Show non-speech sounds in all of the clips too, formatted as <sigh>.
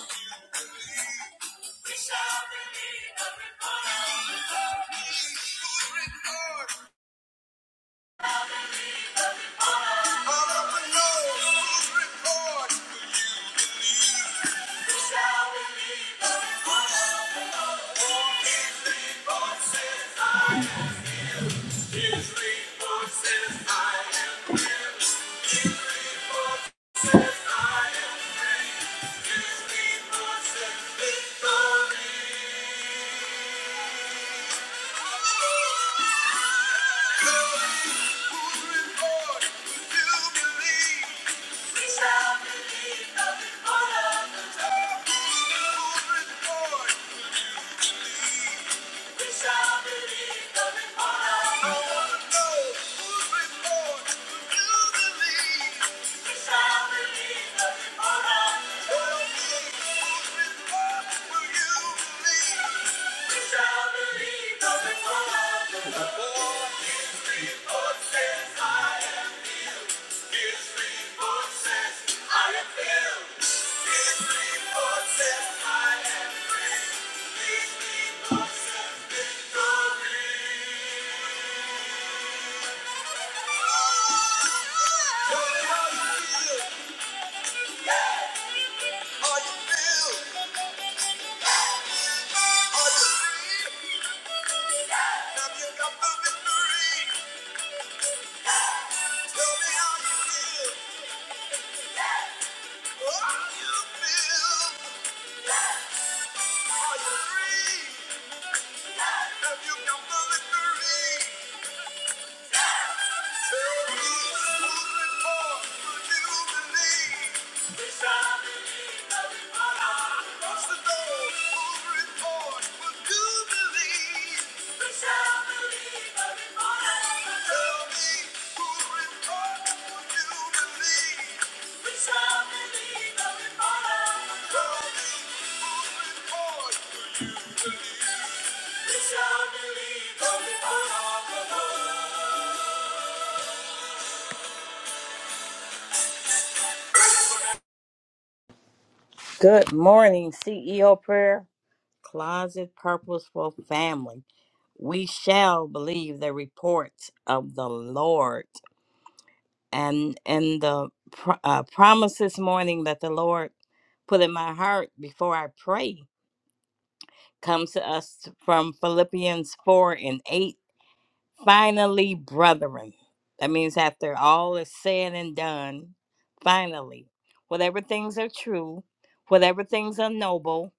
We shall believe the report. Whose report? Entrepreneurs, whose report will you believe? We shall believe the report of the Lord. His report says I am. His report says I am rich. His report says I am free. His report says victory. Will you. believe? Victory! Have you come for victory? Thank you. Good morning, CEO Prayer, Closet Purposeful Family. We shall believe the reports of the Lord. And and the pr- uh, promise this morning that the Lord put in my heart before I pray comes to us from Philippians 4 and 8 Finally, brethren. That means after all is said and done, finally, whatever things are true, whatever things are noble,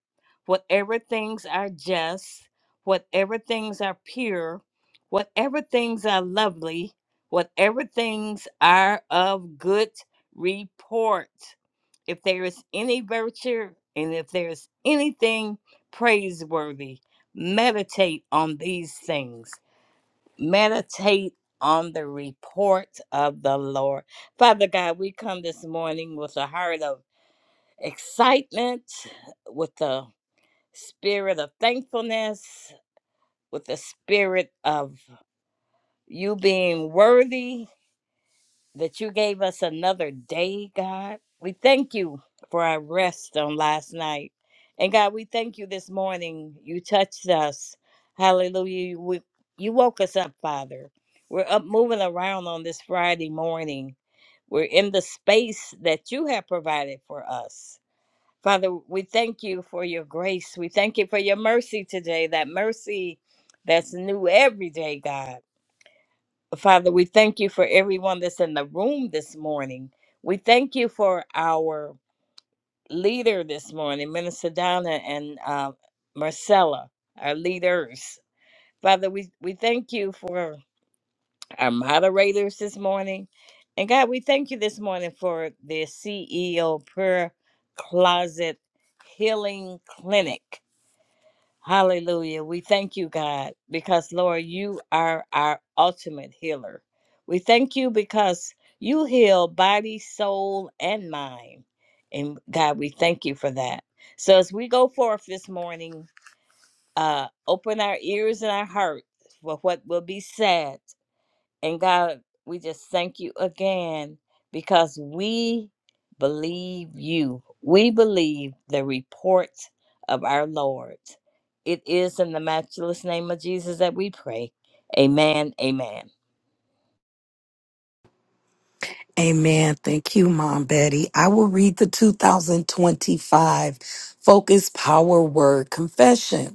whatever things are just, whatever things are pure, whatever things are lovely, whatever things are of good report, if there is any virtue and if there is anything praiseworthy, meditate on these things meditate on the report of the Lord. Father God, we come this morning with a heart of excitement, with the spirit of thankfulness, with the spirit of you being worthy, that you gave us another day, God. We thank you for our rest on last night. And God, we thank you this morning. You touched us. Hallelujah. You, we, you woke us up, Father. We're up moving around on this Friday morning. We're in the space that you have provided for us. Father, we thank you for your grace. We thank you for your mercy today, that mercy that's new every day, God. Father, we thank you for everyone that's in the room this morning. We thank you for our leader this morning, Minister Donna and uh, Marcella, our leaders. Father, we, we thank you for our moderators this morning. And God, we thank you this morning for the CEO Prayer Closet Healing Clinic. Hallelujah. We thank you, God, because Lord, you are our ultimate healer. We thank you because you heal body, soul, and mind. And God, we thank you for that. So as we go forth this morning, uh, open our ears and our hearts for what will be said and God, we just thank you again because we believe you. We believe the report of our Lord. It is in the matchless name of Jesus that we pray. Amen. Amen. Amen. Thank you, Mom Betty. I will read the 2025 Focus Power Word Confession.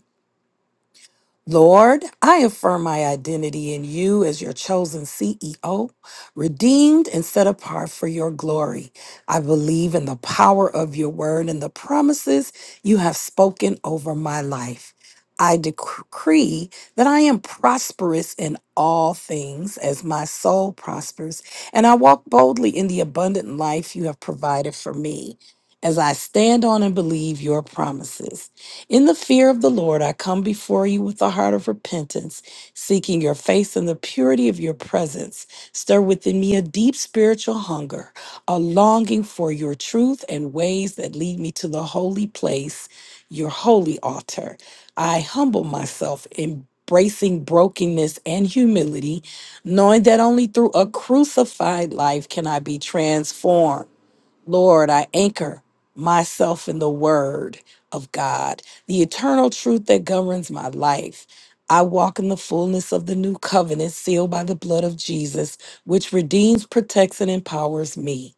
Lord, I affirm my identity in you as your chosen CEO, redeemed and set apart for your glory. I believe in the power of your word and the promises you have spoken over my life. I decree that I am prosperous in all things as my soul prospers, and I walk boldly in the abundant life you have provided for me as I stand on and believe your promises. In the fear of the Lord, I come before you with a heart of repentance, seeking your face and the purity of your presence. Stir within me a deep spiritual hunger, a longing for your truth and ways that lead me to the holy place, your holy altar. I humble myself, embracing brokenness and humility, knowing that only through a crucified life can I be transformed. Lord, I anchor myself in the word of God, the eternal truth that governs my life. I walk in the fullness of the new covenant sealed by the blood of Jesus, which redeems, protects, and empowers me.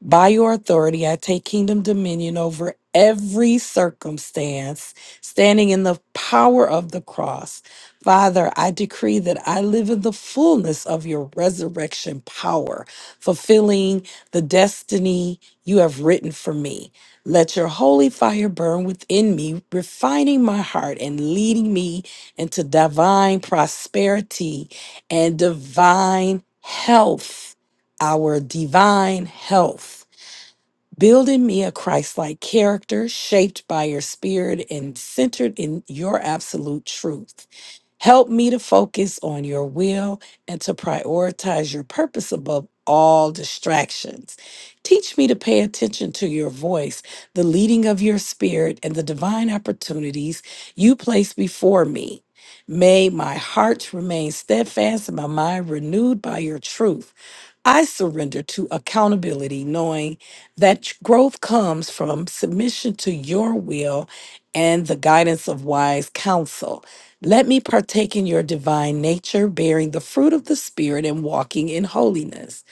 By your authority, I take kingdom dominion over every circumstance, standing in the power of the cross. Father, I decree that I live in the fullness of your resurrection power, fulfilling the destiny you have written for me. Let your holy fire burn within me, refining my heart and leading me into divine prosperity and divine health, our divine health. Building me a Christ like character shaped by your spirit and centered in your absolute truth. Help me to focus on your will and to prioritize your purpose above all distractions. Teach me to pay attention to your voice, the leading of your spirit, and the divine opportunities you place before me. May my heart remain steadfast and my mind renewed by your truth. I surrender to accountability, knowing that growth comes from submission to your will and the guidance of wise counsel. Let me partake in your divine nature, bearing the fruit of the Spirit and walking in holiness.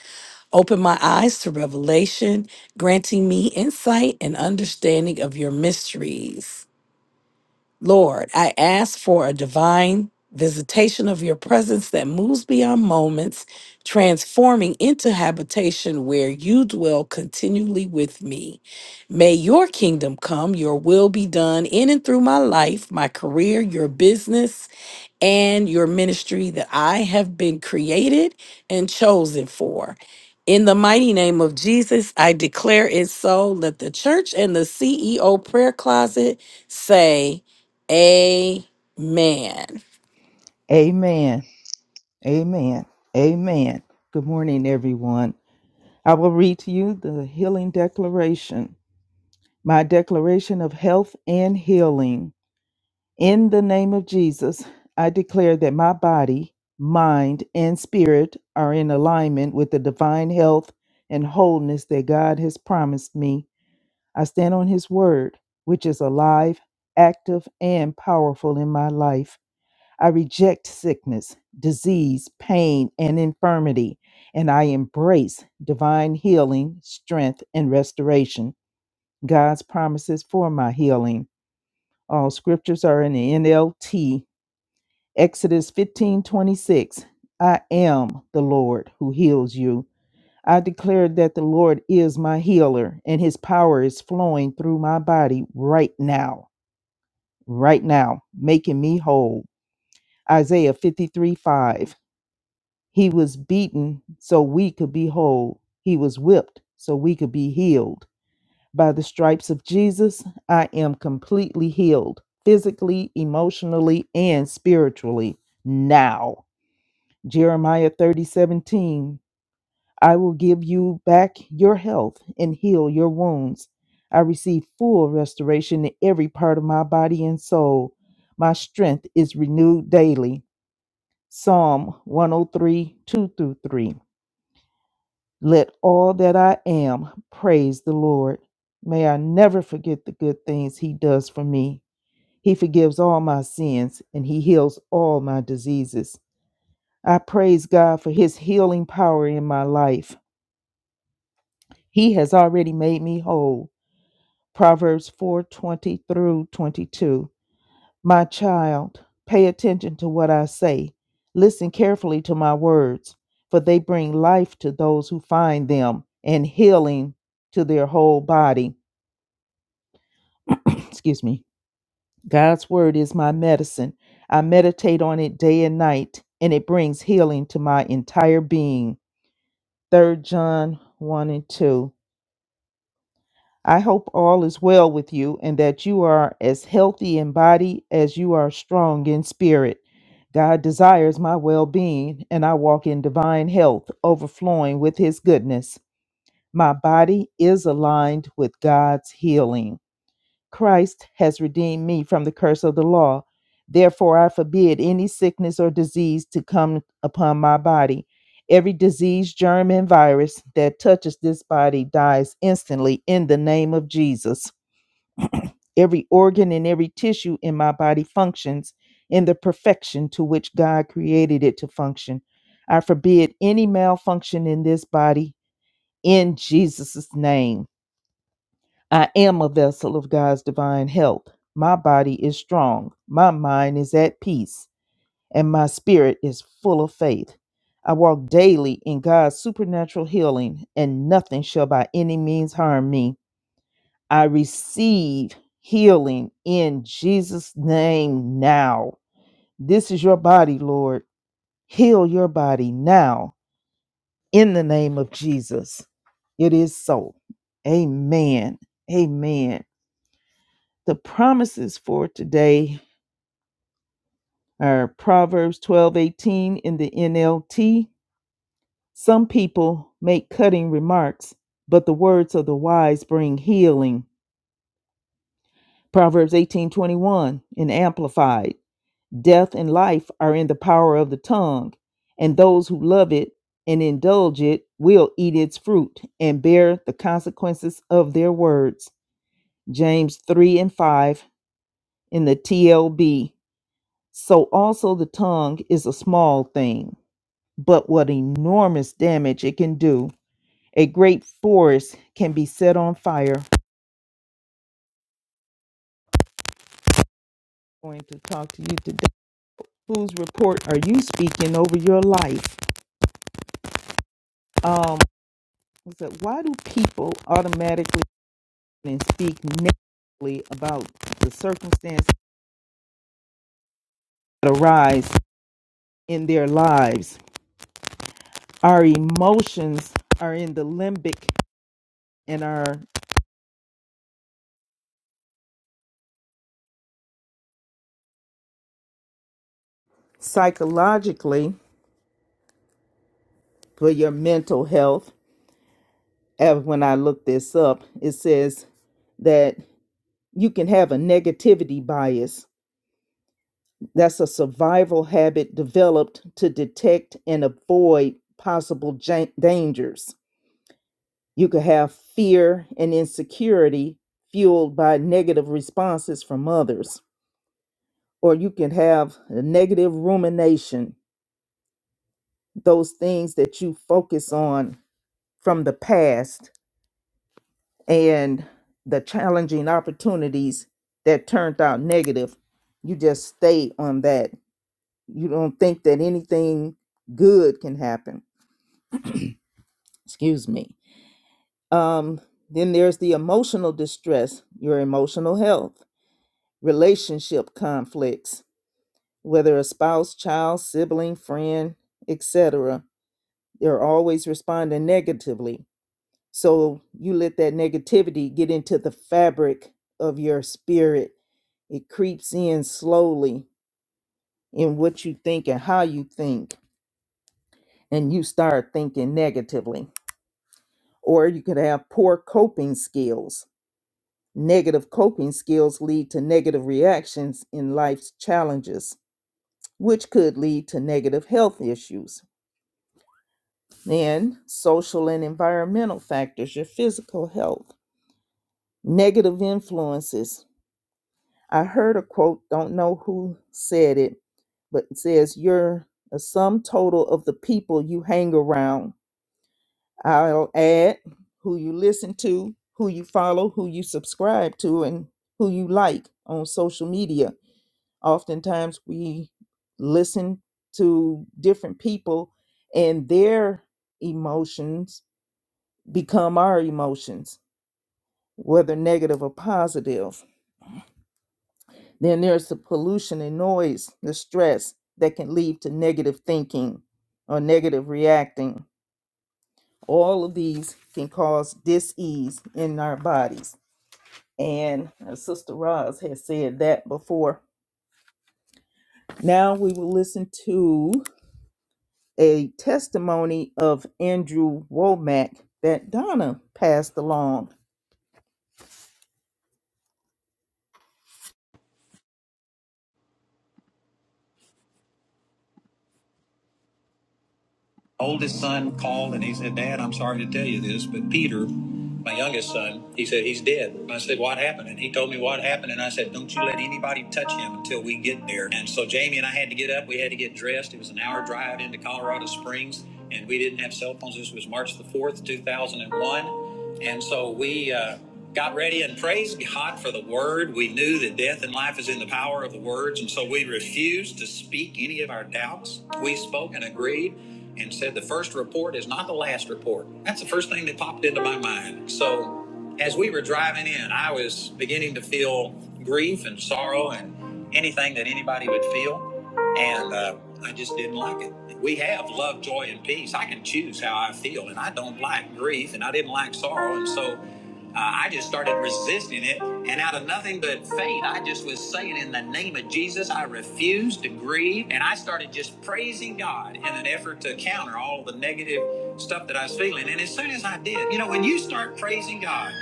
Open my eyes to revelation, granting me insight and understanding of your mysteries. Lord, I ask for a divine visitation of your presence that moves beyond moments, transforming into habitation where you dwell continually with me. May your kingdom come, your will be done in and through my life, my career, your business and your ministry that I have been created and chosen for. In the mighty name of Jesus, I declare it so. Let the church and the CEO prayer closet say, Amen. Amen. Amen. Amen. Good morning, everyone. I will read to you the healing declaration, my declaration of health and healing. In the name of Jesus, I declare that my body, mind, and spirit are in alignment with the divine health and wholeness that God has promised me. I stand on His word, which is alive, active, and powerful in my life. I reject sickness, disease, pain, and infirmity, and I embrace divine healing, strength, and restoration. God's promises for my healing. All scriptures are in the NLT. Exodus 15 26. I am the Lord who heals you. I declare that the Lord is my healer, and his power is flowing through my body right now, right now, making me whole. Isaiah 53 5. He was beaten so we could be whole. He was whipped so we could be healed. By the stripes of Jesus, I am completely healed physically, emotionally, and spiritually now. Jeremiah 30 17. I will give you back your health and heal your wounds. I receive full restoration in every part of my body and soul. My strength is renewed daily. Psalm one o three two through 3. Let all that I am praise the Lord. May I never forget the good things He does for me. He forgives all my sins and He heals all my diseases. I praise God for His healing power in my life. He has already made me whole. Proverbs 4 20 through 22. My child, pay attention to what I say. Listen carefully to my words, for they bring life to those who find them and healing to their whole body. <coughs> <clears throat> Excuse me. God's word is my medicine. I meditate on it day and night, and it brings healing to my entire being. Third John 1 and 2. I hope all is well with you and that you are as healthy in body as you are strong in spirit. God desires my well being, and I walk in divine health, overflowing with His goodness. My body is aligned with God's healing. Christ has redeemed me from the curse of the law. Therefore, I forbid any sickness or disease to come upon my body. Every disease, germ, and virus that touches this body dies instantly in the name of Jesus. Every organ and every tissue in my body functions in the perfection to which God created it to function. I forbid any malfunction in this body in Jesus' name. I am a vessel of God's divine help. My body is strong, my mind is at peace, and my spirit is full of faith. I walk daily in God's supernatural healing, and nothing shall by any means harm me. I receive healing in Jesus' name now. This is your body, Lord. Heal your body now in the name of Jesus. It is so. Amen. Amen. The promises for today are Proverbs 12:18 in the NLT. Some people make cutting remarks, but the words of the wise bring healing. Proverbs 18:21 in amplified. Death and life are in the power of the tongue, and those who love it and indulge it will eat its fruit and bear the consequences of their words. James 3 and 5 in the TLB. So also the tongue is a small thing, but what enormous damage it can do. A great forest can be set on fire. I'm going to talk to you today. Whose report are you speaking over your life? Um, I said, why do people automatically and speak negatively about the circumstances that arise in their lives? Our emotions are in the limbic and are psychologically for your mental health as when I looked this up, it says that you can have a negativity bias. That's a survival habit developed to detect and avoid possible ja- dangers. You could have fear and insecurity fueled by negative responses from others, or you can have a negative rumination, those things that you focus on from the past and the challenging opportunities that turned out negative, you just stay on that. You don't think that anything good can happen. Excuse me. Um, then there's the emotional distress, your emotional health, relationship conflicts, whether a spouse, child, sibling, friend, etc. They're always responding negatively So you let that negativity get into the fabric of your spirit. It creeps in slowly in what you think and how you think, and you start thinking negatively. Or you could have poor coping skills. Negative coping skills lead to negative reactions in life's challenges, which could lead to negative health issues. Then, social and environmental factors, your physical health, negative influences I heard a quote, don't know who said it, but it says, You're a sum total of the people you hang around. I'll add who you listen to, who you follow, who you subscribe to, and who you like on social media. Oftentimes we listen to different people and their emotions become our emotions, whether negative or positive Then there's the pollution and noise, the stress that can lead to negative thinking or negative reacting. All of these can cause dis-ease in our bodies. And uh, Sister Roz has said that before. Now we will listen to a testimony of Andrew Womack that Donna passed along. oldest son called and he said, Dad, I'm sorry to tell you this, but Peter, my youngest son, he said, he's dead. I said, What happened? And he told me what happened. And I said, Don't you let anybody touch him until we get there. And so Jamie and I had to get up. We had to get dressed. It was an hour drive into Colorado Springs. And we didn't have cell phones. This was March the 4th, 2001. And so we uh, got ready and praised God for the word. We knew that death and life is in the power of the words. And so we refused to speak any of our doubts. We spoke and agreed and said, The first report is not the last report. That's the first thing that popped into my mind. So as we were driving in, I was beginning to feel grief and sorrow and anything that anybody would feel. And uh, I just didn't like it. We have love, joy, and peace. I can choose how I feel, and I don't like grief, and I didn't like sorrow. And so uh, I just started resisting it. And out of nothing but faith, I just was saying, in the name of Jesus, I refuse to grieve grieved, and I started just praising God in an effort to counter all the negative stuff that I was feeling. And as soon as I did, you know, when you start praising God,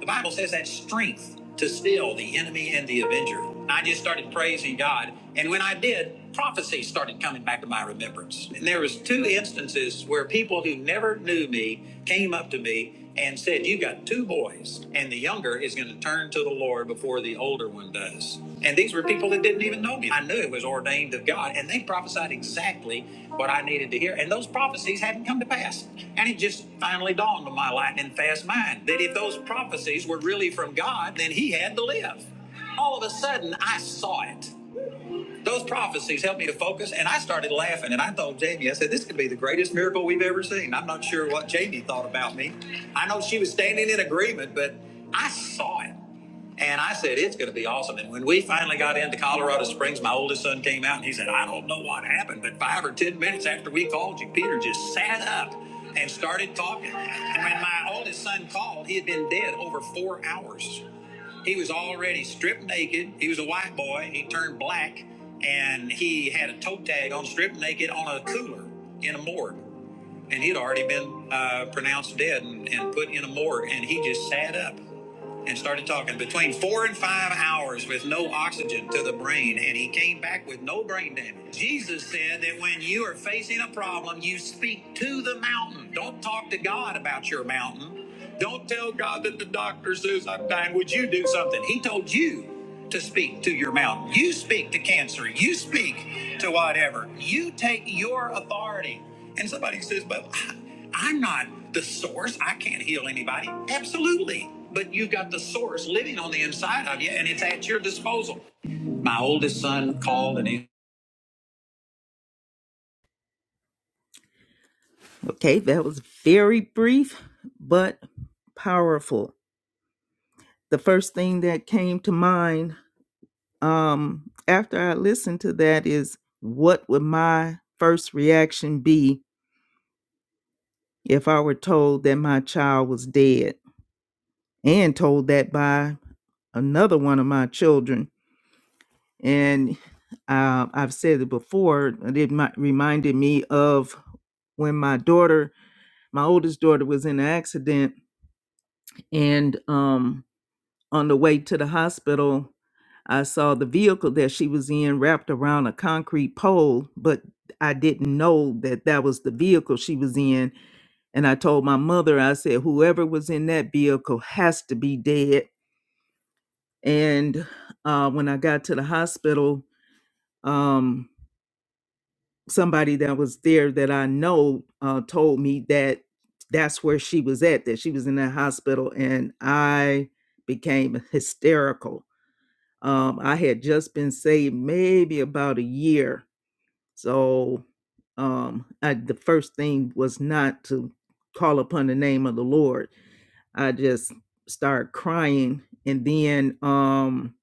the Bible says that strength to still the enemy and the avenger. I just started praising God, and when I did, prophecies started coming back to my remembrance. And there was two instances where people who never knew me came up to me and said, "You've got two boys, and the younger is going to turn to the Lord before the older one does." And these were people that didn't even know me. I knew it was ordained of God, and they prophesied exactly what I needed to hear. And those prophecies hadn't come to pass. And it just finally dawned on my lightning fast mind that if those prophecies were really from God, then He had to live. All of a sudden, I saw it. Those prophecies helped me to focus, and I started laughing. And I told Jamie, I said, "This could be the greatest miracle we've ever seen." I'm not sure what Jamie thought about me. I know she was standing in agreement, but I saw it. And I said, it's going to be awesome. And when we finally got into Colorado Springs, my oldest son came out and he said, I don't know what happened, but five or 10 minutes after we called you, Peter just sat up and started talking. And when my oldest son called, he had been dead over four hours. He was already stripped naked. He was a white boy. He turned black and he had a toe tag on stripped naked on a cooler in a morgue. And he'd already been uh, pronounced dead and, and put in a morgue. And he just sat up and started talking between four and five hours with no oxygen to the brain, and he came back with no brain damage. Jesus said that when you are facing a problem, you speak to the mountain. Don't talk to God about your mountain. Don't tell God that the doctor says I'm dying. Would you do something? He told you to speak to your mountain. You speak to cancer. You speak to whatever. You take your authority. And somebody says, but I'm not the source. I can't heal anybody. Absolutely. But you've got the source living on the inside of you, and it's at your disposal. My oldest son called and he. Okay, that was very brief but powerful. The first thing that came to mind um after I listened to that is what would my first reaction be if I were told that my child was dead and told that by another one of my children and uh, I've said it before it reminded me of when my daughter my oldest daughter was in an accident and um. On the way to the hospital, I saw the vehicle that she was in wrapped around a concrete pole, but I didn't know that that was the vehicle she was in. And I told my mother, I said, whoever was in that vehicle has to be dead. And uh, when I got to the hospital, um, somebody that was there that I know uh, told me that that's where she was at, that she was in that hospital. And I became hysterical Um, I had just been saved maybe about a year. So um, I, the first thing was not to call upon the name of the Lord. I just started crying. And then, um,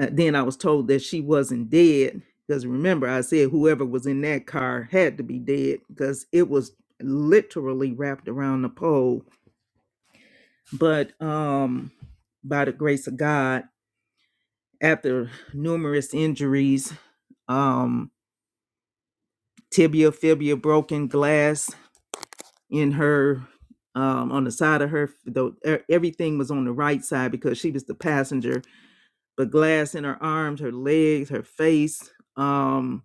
uh, then I was told that she wasn't dead. Because remember, I said whoever was in that car had to be dead because it was literally wrapped around the pole. But um, by the grace of God. after numerous injuries, um, tibia, fibia, broken glass in her, um, on the side of her, though e- everything was on the right side because she was the passenger, but glass in her arms, her legs, her face. Um,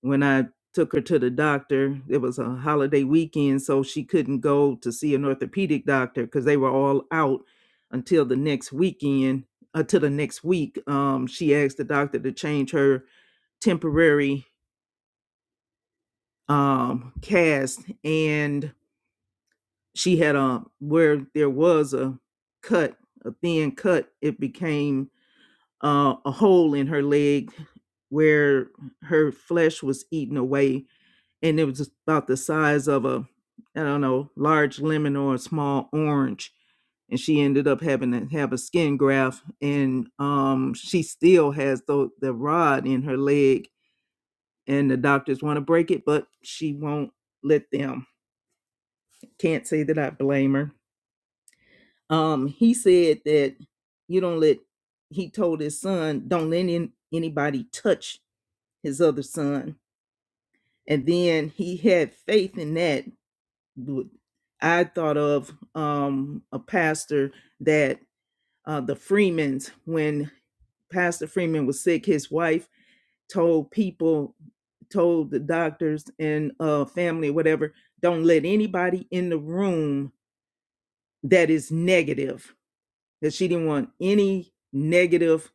when I took her to the doctor, it was a holiday weekend, so she couldn't go to see an orthopedic doctor because they were all out until the next weekend, until the next week. Um, she asked the doctor to change her temporary um cast and she had a where there was a cut a thin cut it became uh, a hole in her leg where her flesh was eaten away and it was about the size of a i don't know large lemon or a small orange and she ended up having to have a skin graft and um she still has the, the rod in her leg and the doctors want to break it, but she won't let them. Can't say that I blame her. Um, he said that you don't let. He told his son, "Don't let any, anybody touch his other son." And then he had faith in that. I thought of um, a pastor that uh, the Freemans, when Pastor Freeman was sick, his wife told people told the doctors and uh family whatever don't let anybody in the room that is negative that she didn't want any negative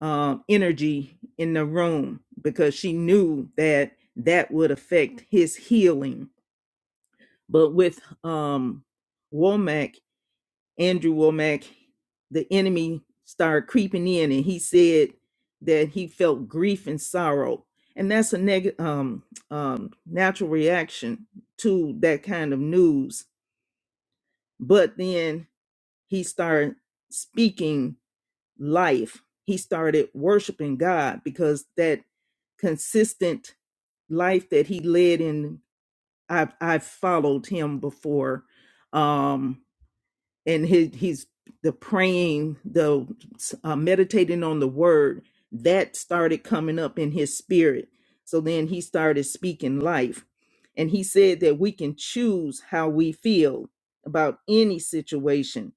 um energy in the room because she knew that that would affect his healing but with um womack Andrew Womack, the enemy started creeping in, and he said that he felt grief and sorrow, and that's a neg- um, um, natural reaction to that kind of news. But then he started speaking life. He started worshiping God because that consistent life that he led in, I've I've followed him before. Um, and his, he's the praying the uh, meditating on the word that started coming up in his spirit so then he started speaking life and he said that we can choose how we feel about any situation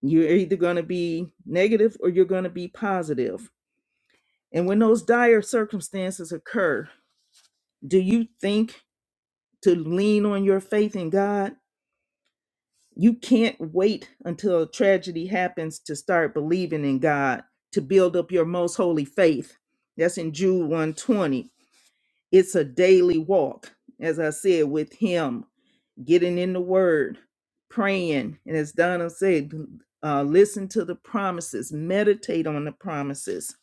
you're either going to be negative or you're going to be positive positive. and when those dire circumstances occur do you think to lean on your faith in god You can't wait until a tragedy happens to start believing in God, to build up your most holy faith. That's in Jude 120. It's a daily walk, as I said, with Him, getting in the Word, praying. And as Donna said, uh, listen to the promises, meditate on the promises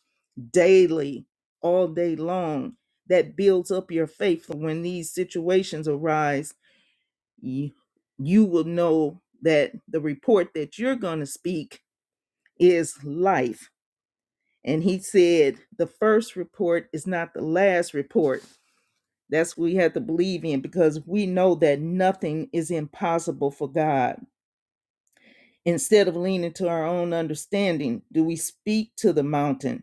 daily, all day long. That builds up your faith for when these situations arise you, you will know that the report that you're going to speak is life. And he said, the first report is not the last report. That's what we have to believe in because we know that nothing is impossible for God. Instead of leaning to our own understanding, do we speak to the mountain?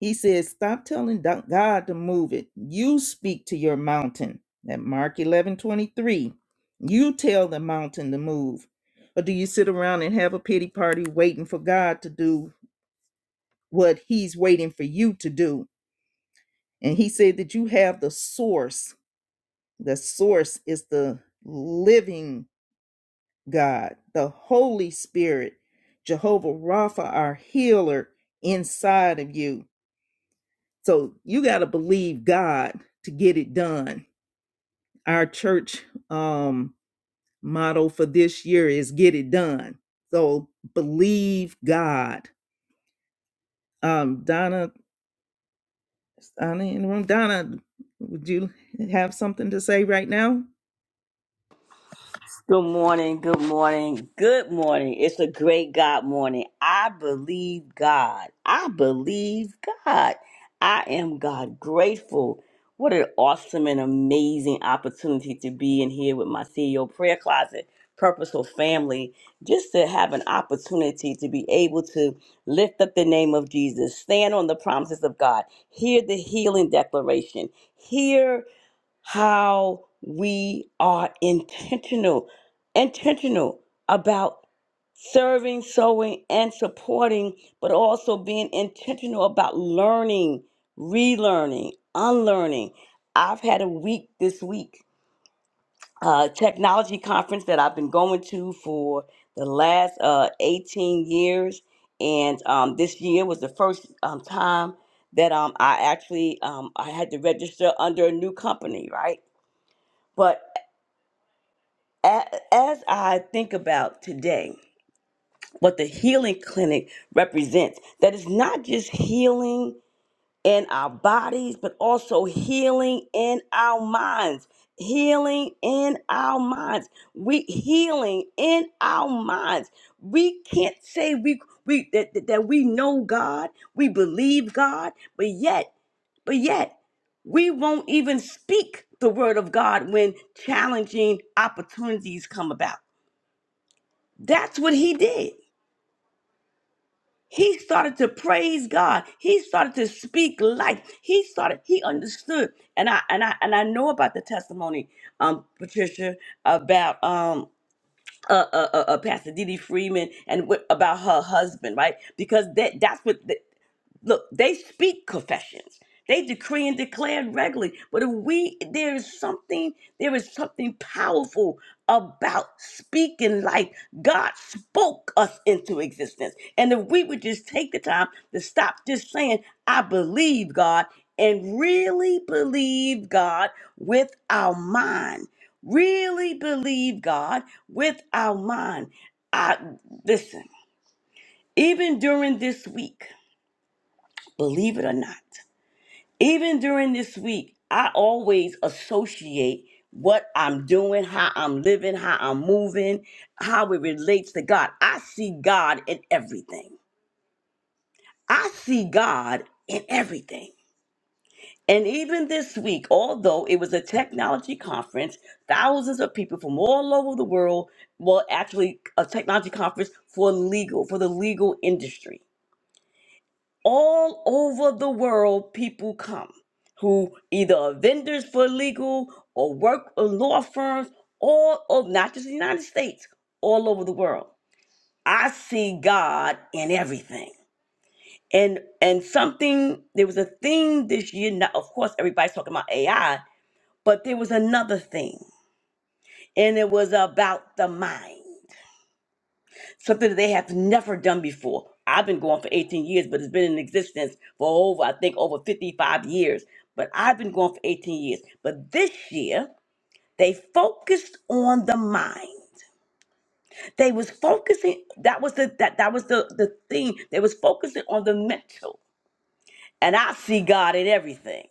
He says, Stop telling God to move it. You speak to your mountain. At Mark 11 23, you tell the mountain to move. Or do you sit around and have a pity party waiting for God to do what He's waiting for you to do? And He said that you have the source. The source is the living God, the Holy Spirit, Jehovah Rapha, our healer, inside of you. So you got to believe God to get it done. Our church um, motto for this year is "Get it done." So believe God. Um, Donna, Donna in the room. Donna, would you have something to say right now? Good morning, good morning, good morning. It's a great God morning. I believe God. I believe God. I am God grateful. What an awesome and amazing opportunity to be in here with my CEO prayer closet, purposeful family, just to have an opportunity to be able to lift up the name of Jesus, stand on the promises of God, hear the healing declaration, hear how we are intentional, intentional about serving, sowing, and supporting, but also being intentional about learning, relearning, unlearning. I've had a week this week, uh, technology conference that I've been going to for the last uh, 18 years. And um, this year was the first um, time that um, I actually um, I had to register under a new company, right? But a- as I think about today, what the healing clinic represents, that is not just healing in our bodies, but also healing in our minds. Healing in our minds. We healing in our minds. We can't say we we that, that that we know God, we believe God, but yet but yet, we won't even speak the word of God when challenging opportunities come about. That's what he did. He started to praise God. He started to speak life. He started. He understood, and I and I and I know about the testimony, um, Patricia, about um, uh, uh, uh, uh, Pastor Didi Freeman and what, about her husband, right? Because that that's what. Look, they speak confessions. They decree and declare regularly. But if we there is something, there is something powerful about speaking like God spoke us into existence. And if we would just take the time to stop just saying, I believe God, and really believe God with our mind. Really believe God with our mind. I listen, even during this week, believe it or not even during this week, I always associate what I'm doing, how I'm living, how I'm moving, how it relates to God. I see God in everything. I see God in everything. And even this week, although it was a technology conference, thousands of people from all over the world, well, actually, a technology conference for legal, for the legal industry. all over the world people come who either are vendors for legal or work in law firms all over not just the united states all over the world i see god in everything and and something there was a theme this year now of course everybody's talking about ai but there was another thing and it was about the mind something that they have never done before. I've been going for 18 years, but it's been in existence for over, I think, over 55 years. But I've been going for 18 years. But this year, they focused on the mind. They was focusing. That was the that that was the the thing. They was focusing on the mental. And I see God in everything.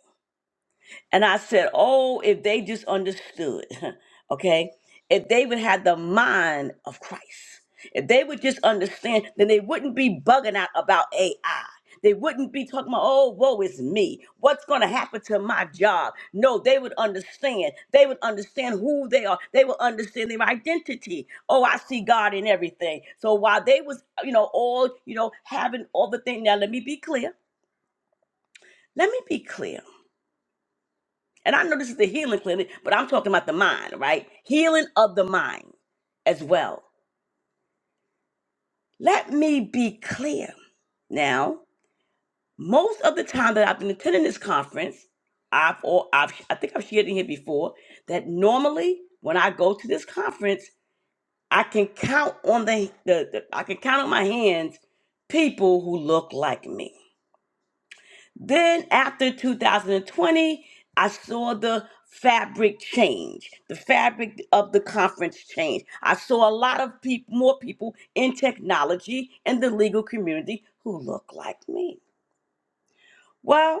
And I said, Oh, if they just understood, <laughs> okay? If they would have the mind of Christ, if they would just understand, then they wouldn't be bugging out about AI. They wouldn't be talking about, oh, woe is me. What's going to happen to my job? No, they would understand. They would understand who they are. They would understand their identity. Oh, I see God in everything. So while they was, you know, all, you know, having all the thing. Now, let me be clear. Let me be clear and I know this is the healing clinic, but I'm talking about the mind, right? Healing of the mind as well. Let me be clear. Now, most of the time that I've been attending this conference, I've or I've I think I've shared in here before that normally when I go to this conference, I can count on the, the, the I can count on my hands people who look like me Then after 2020, I saw the fabric change, the fabric of the conference change. I saw a lot of people, more people in technology and the legal community who look like me. Well,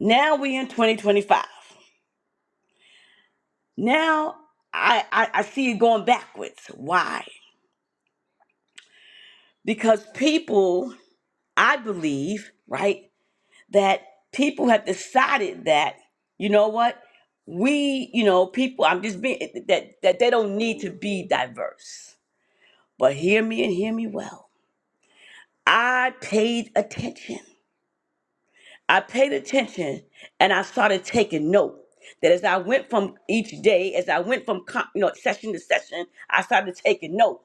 now we in 2025. Now I, I, I see it going backwards. Why? Because people, I believe, right? that people have decided that you know what we you know people i'm just being eh, that that they don't need to be diverse but hear me and hear me well i paid attention I paid attention and I started taking note that as I went from each day, as I went from co- you know session to session, I started taking note.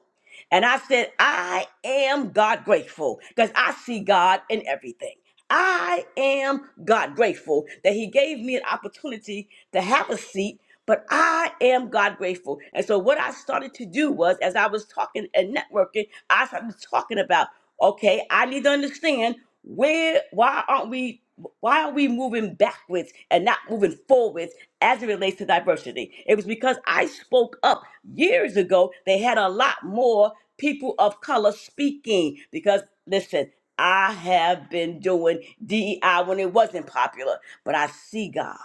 And I said, I am God grateful because I see God in everything. I am God grateful that He gave me an opportunity to have a seat, but I am God grateful. And so, what I started to do was, as I was talking and networking, I started talking about. Okay, I need to understand where why aren't we why are we moving backwards and not moving forwards as it relates to diversity? It was because I spoke up years ago. They had a lot more people of color speaking because listen, I have been doing DEI when it wasn't popular, but I see God.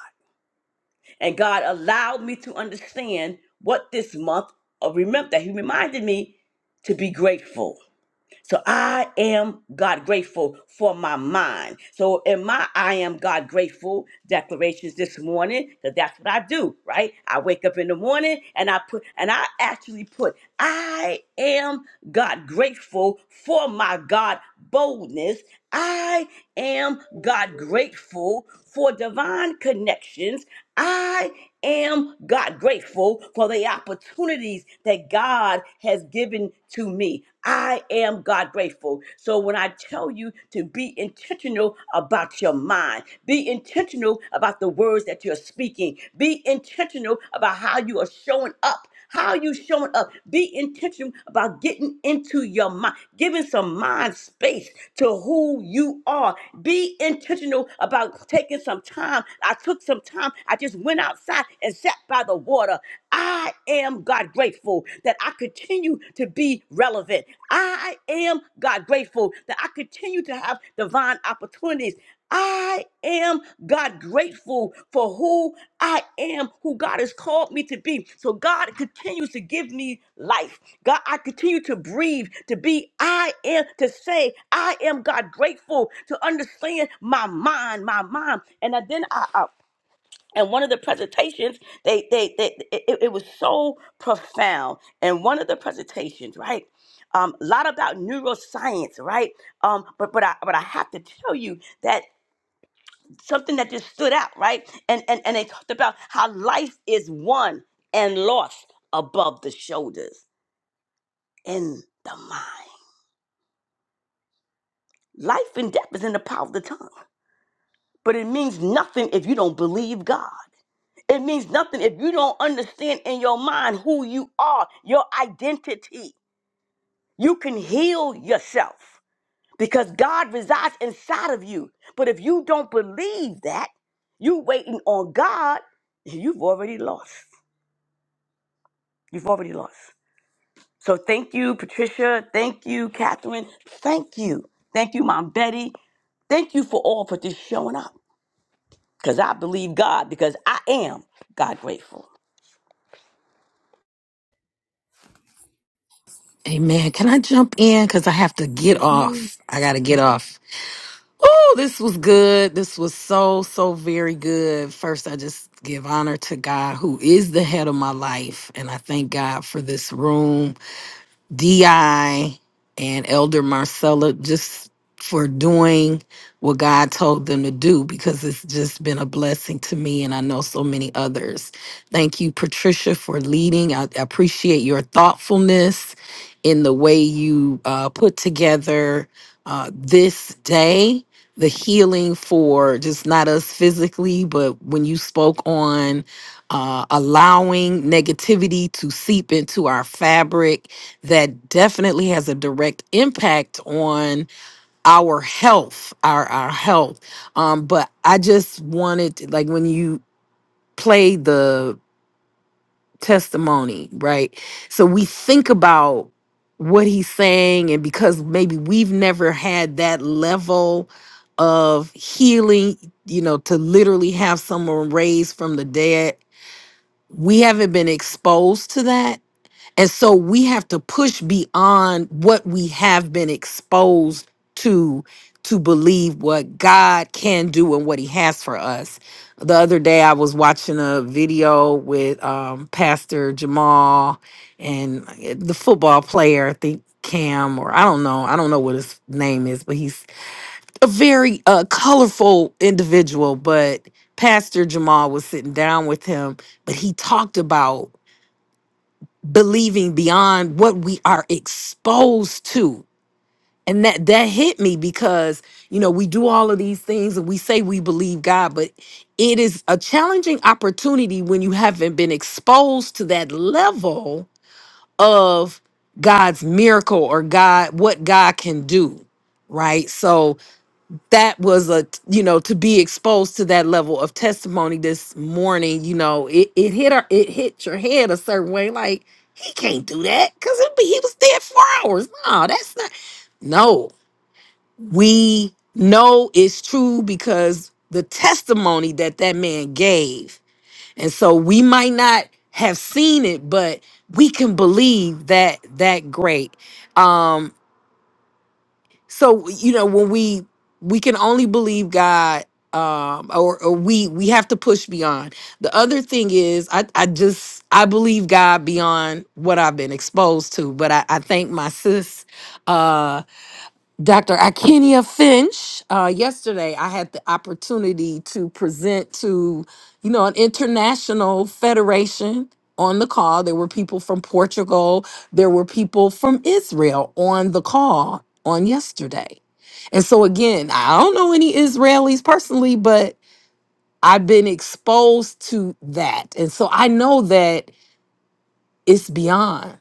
And God allowed me to understand what this month of remember that He reminded me to be grateful. So I am God grateful for my mind. So in my I am God grateful declarations this morning, because that's what I do, right? I wake up in the morning and I put and I actually put I am God grateful for my God boldness. I am God grateful for divine connections. I am God grateful for the opportunities that God God has given to me. I am God grateful. So when I tell you to be intentional about your mind, be intentional about the words that you're speaking, be intentional about how you are showing up. How are you showing up? Be intentional about getting into your mind, giving some mind space to who you are. Be intentional about taking some time. I took some time. I just went outside and sat by the water. I am God grateful that I continue to be relevant. I am God grateful that I continue to have divine opportunities. I am God grateful for who I am, who God has called me to be. So God continues to give me life. God, I continue to breathe, to be, I am, to say, I am God grateful, to understand my mind, my mind. And then I, and one of the presentations they they, they it, it- was so profound and one of the presentations right um, a lot about neuroscience right um, but but I, but I have to tell you that something that just stood out right and and and they talked about how life is won and lost above the shoulders in the mind life and death is in the power of the tongue But it means nothing if you don't believe God. It means nothing if you don't understand in your mind who you are, your identity. You can heal yourself because God resides inside of you. But if you don't believe that, you waiting on God, you've already lost. You've already lost. So thank you, Patricia. Thank you, Catherine. Thank you. Thank you, Mom Betty. Thank you for all for just showing up. because I believe God, because I am God grateful. Amen. Can I jump in? Because I have to get Yes, ma'am. off. I got to get off. Oh, this was good. This was so, so very good. First, I just give honor to God, who is the head of my life. And I thank God for this room. DI and Elder Marcella just for doing what God told them to do because it's just been a blessing to me and I know so many others. Thank you, Patricia, for leading. I appreciate your thoughtfulness in the way you uh, put together uh, this day. The healing for just not us physically, but when you spoke on uh, allowing negativity to seep into our fabric that definitely has a direct impact on our health our our health um but i just wanted like when you play the testimony right so we think about what he's saying and because maybe we've never had that level of healing you know to literally have someone raised from the dead we haven't been exposed to that and so we have to push beyond what we have been exposed to to believe what God can do and what he has for us. The other day I was watching a video with um, Pastor Jamal and uh, the football player, I think Cam or I don't know, I don't know what his name is, but he's a very uh, colorful individual, but Pastor Jamal was sitting down with him, but he talked about believing beyond what we are exposed to and that that hit me because you know we do all of these things and we say we believe god but it is a challenging opportunity when you haven't been exposed to that level of god's miracle or god what god can do right so that was a you know to be exposed to that level of testimony this morning you know it, it hit her it hit your head a certain way like he can't do that because be, he was dead for hours no that's not no we know it's true because the testimony that that man gave and so we might not have seen it but we can believe that that great Um, so you know when we we can only believe god um or, or we we have to push beyond the other thing is i i just i believe god beyond what i've been exposed to but i i thank my sis uh dr akenia finch uh yesterday i had the opportunity to present to you know an international federation on the call there were people from portugal there were people from israel on the call on yesterday and so again, I don't know any Israelis personally, but I've been exposed to that. And so I know that it's beyond.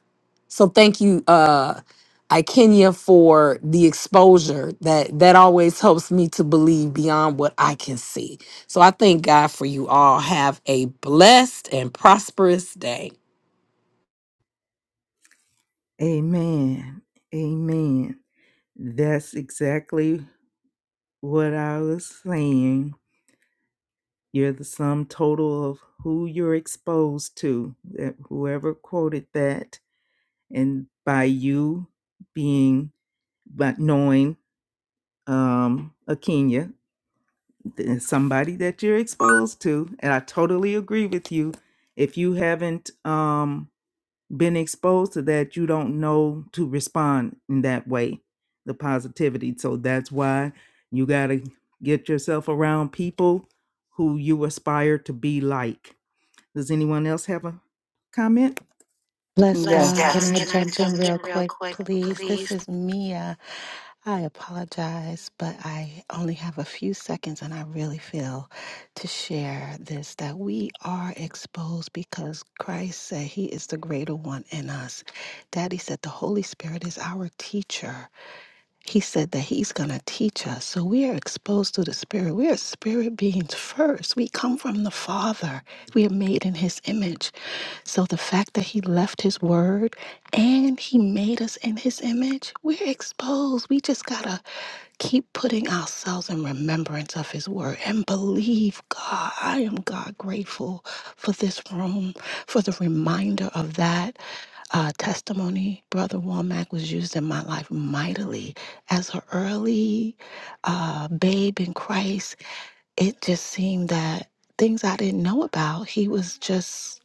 So thank you, uh I Kenya for the exposure that that always helps me to believe beyond what I can see. So I thank God for you all. Have a blessed and prosperous day. Amen. Amen. That's exactly what I was saying. You're the sum total of who you're exposed to. That- Whoever quoted that and by you being but knowing um a Kenya somebody that you're exposed to and I totally agree with you if you haven't um been exposed to that you don't know to respond in that way the positivity so that's why you got to get yourself around people who you aspire to be like does anyone else have a comment Bless Bless God. Can I Can I jump jump in in real real quick, quick, please? please? This is Mia. I apologize, but I only have a few seconds and I really feel to share this that we are exposed because Christ said he is the greater one in us. Daddy said the Holy Spirit is our teacher. He said that he's going to teach us. So we are exposed to the Spirit. We are spirit beings first. We come from the Father. We are made in his image. So the fact that he left his word and he made us in his image, we're exposed. We just got to keep putting ourselves in remembrance of his word and believe God. I am God grateful for this room, for the reminder of that uh, testimony. Brother Womack was used in my life mightily as an early uh, babe in Christ it just seemed that things I didn't know about, he was just,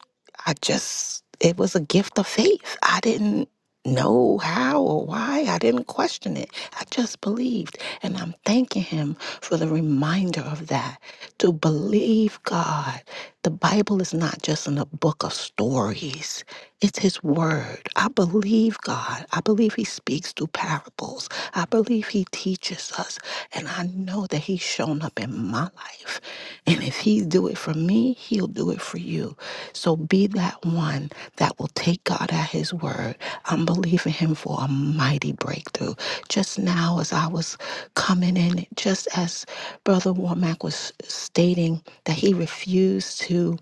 I just, it was a gift of faith. I didn't know how or why. I didn't question it. I just believed. And I'm thanking him for the reminder of that to believe God. The Bible is not just in a book of stories, it's His Word. I believe God. I believe He speaks through parables. I believe He teaches us. And I know that he's shown up in my life. And if he do it for me, he'll do it for you. So be that one that will take God at his word. I'm believing him for a mighty breakthrough. Just now as I was coming in, just as Brother Warmack was stating that he refused to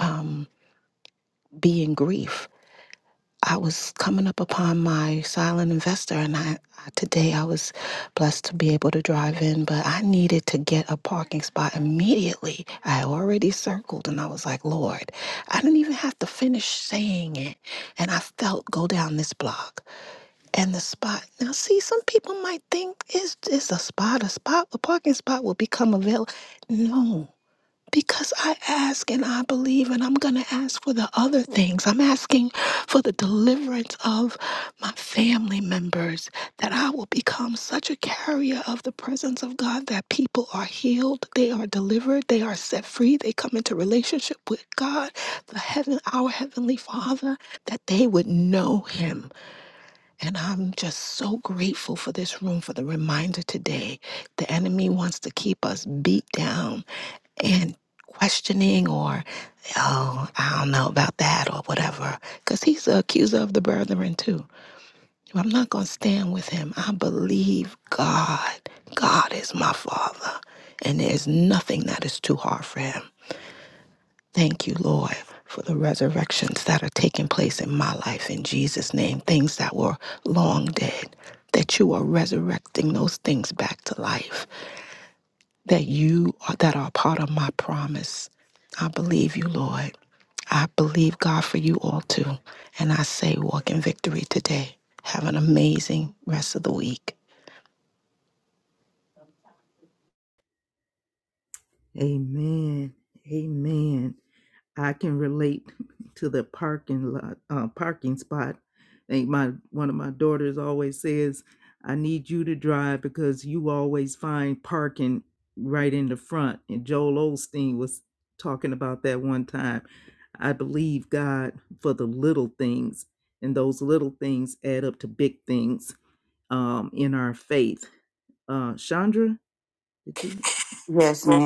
um, be in grief I was coming up upon my silent investor, and I, I today I was blessed to be able to drive in, but I needed to get a parking spot immediately. I had already circled, and I was like, Lord, I didn't even have to finish saying it, and I felt go down this block and the spot. Now, see, some people might think it's it's a spot a spot a parking spot will become available. No. Because I ask and I believe, and I'm going to ask for the other things. I'm asking for the deliverance of my family members, that I will become such a carrier of the presence of God that people are healed, they are delivered, they are set free, they come into relationship with God, the heaven, our heavenly Father, that they would know Him. And I'm just so grateful for this room, for the reminder today. The enemy wants to keep us beat down and questioning or oh i don't know about that or whatever because he's the accuser of the brethren too i'm not going to stand with him i believe god god is my father and there's nothing that is too hard for him thank you lord for the resurrections that are taking place in my life in jesus name things that were long dead that you are resurrecting those things back to life that you are that are part of my promise I believe you, Lord. I believe God for you all too. And I say, walk in victory today. Have an amazing rest of the week. Amen. Amen. I can relate to the parking lot, uh, parking spot. I think my one of my daughters always says, "I need you to drive because you always find parking right in the front." And Joel Osteen was talking about that one time. I believe God for the little things, and those little things add up to big things um, in our faith. Uh, Chandra, did you?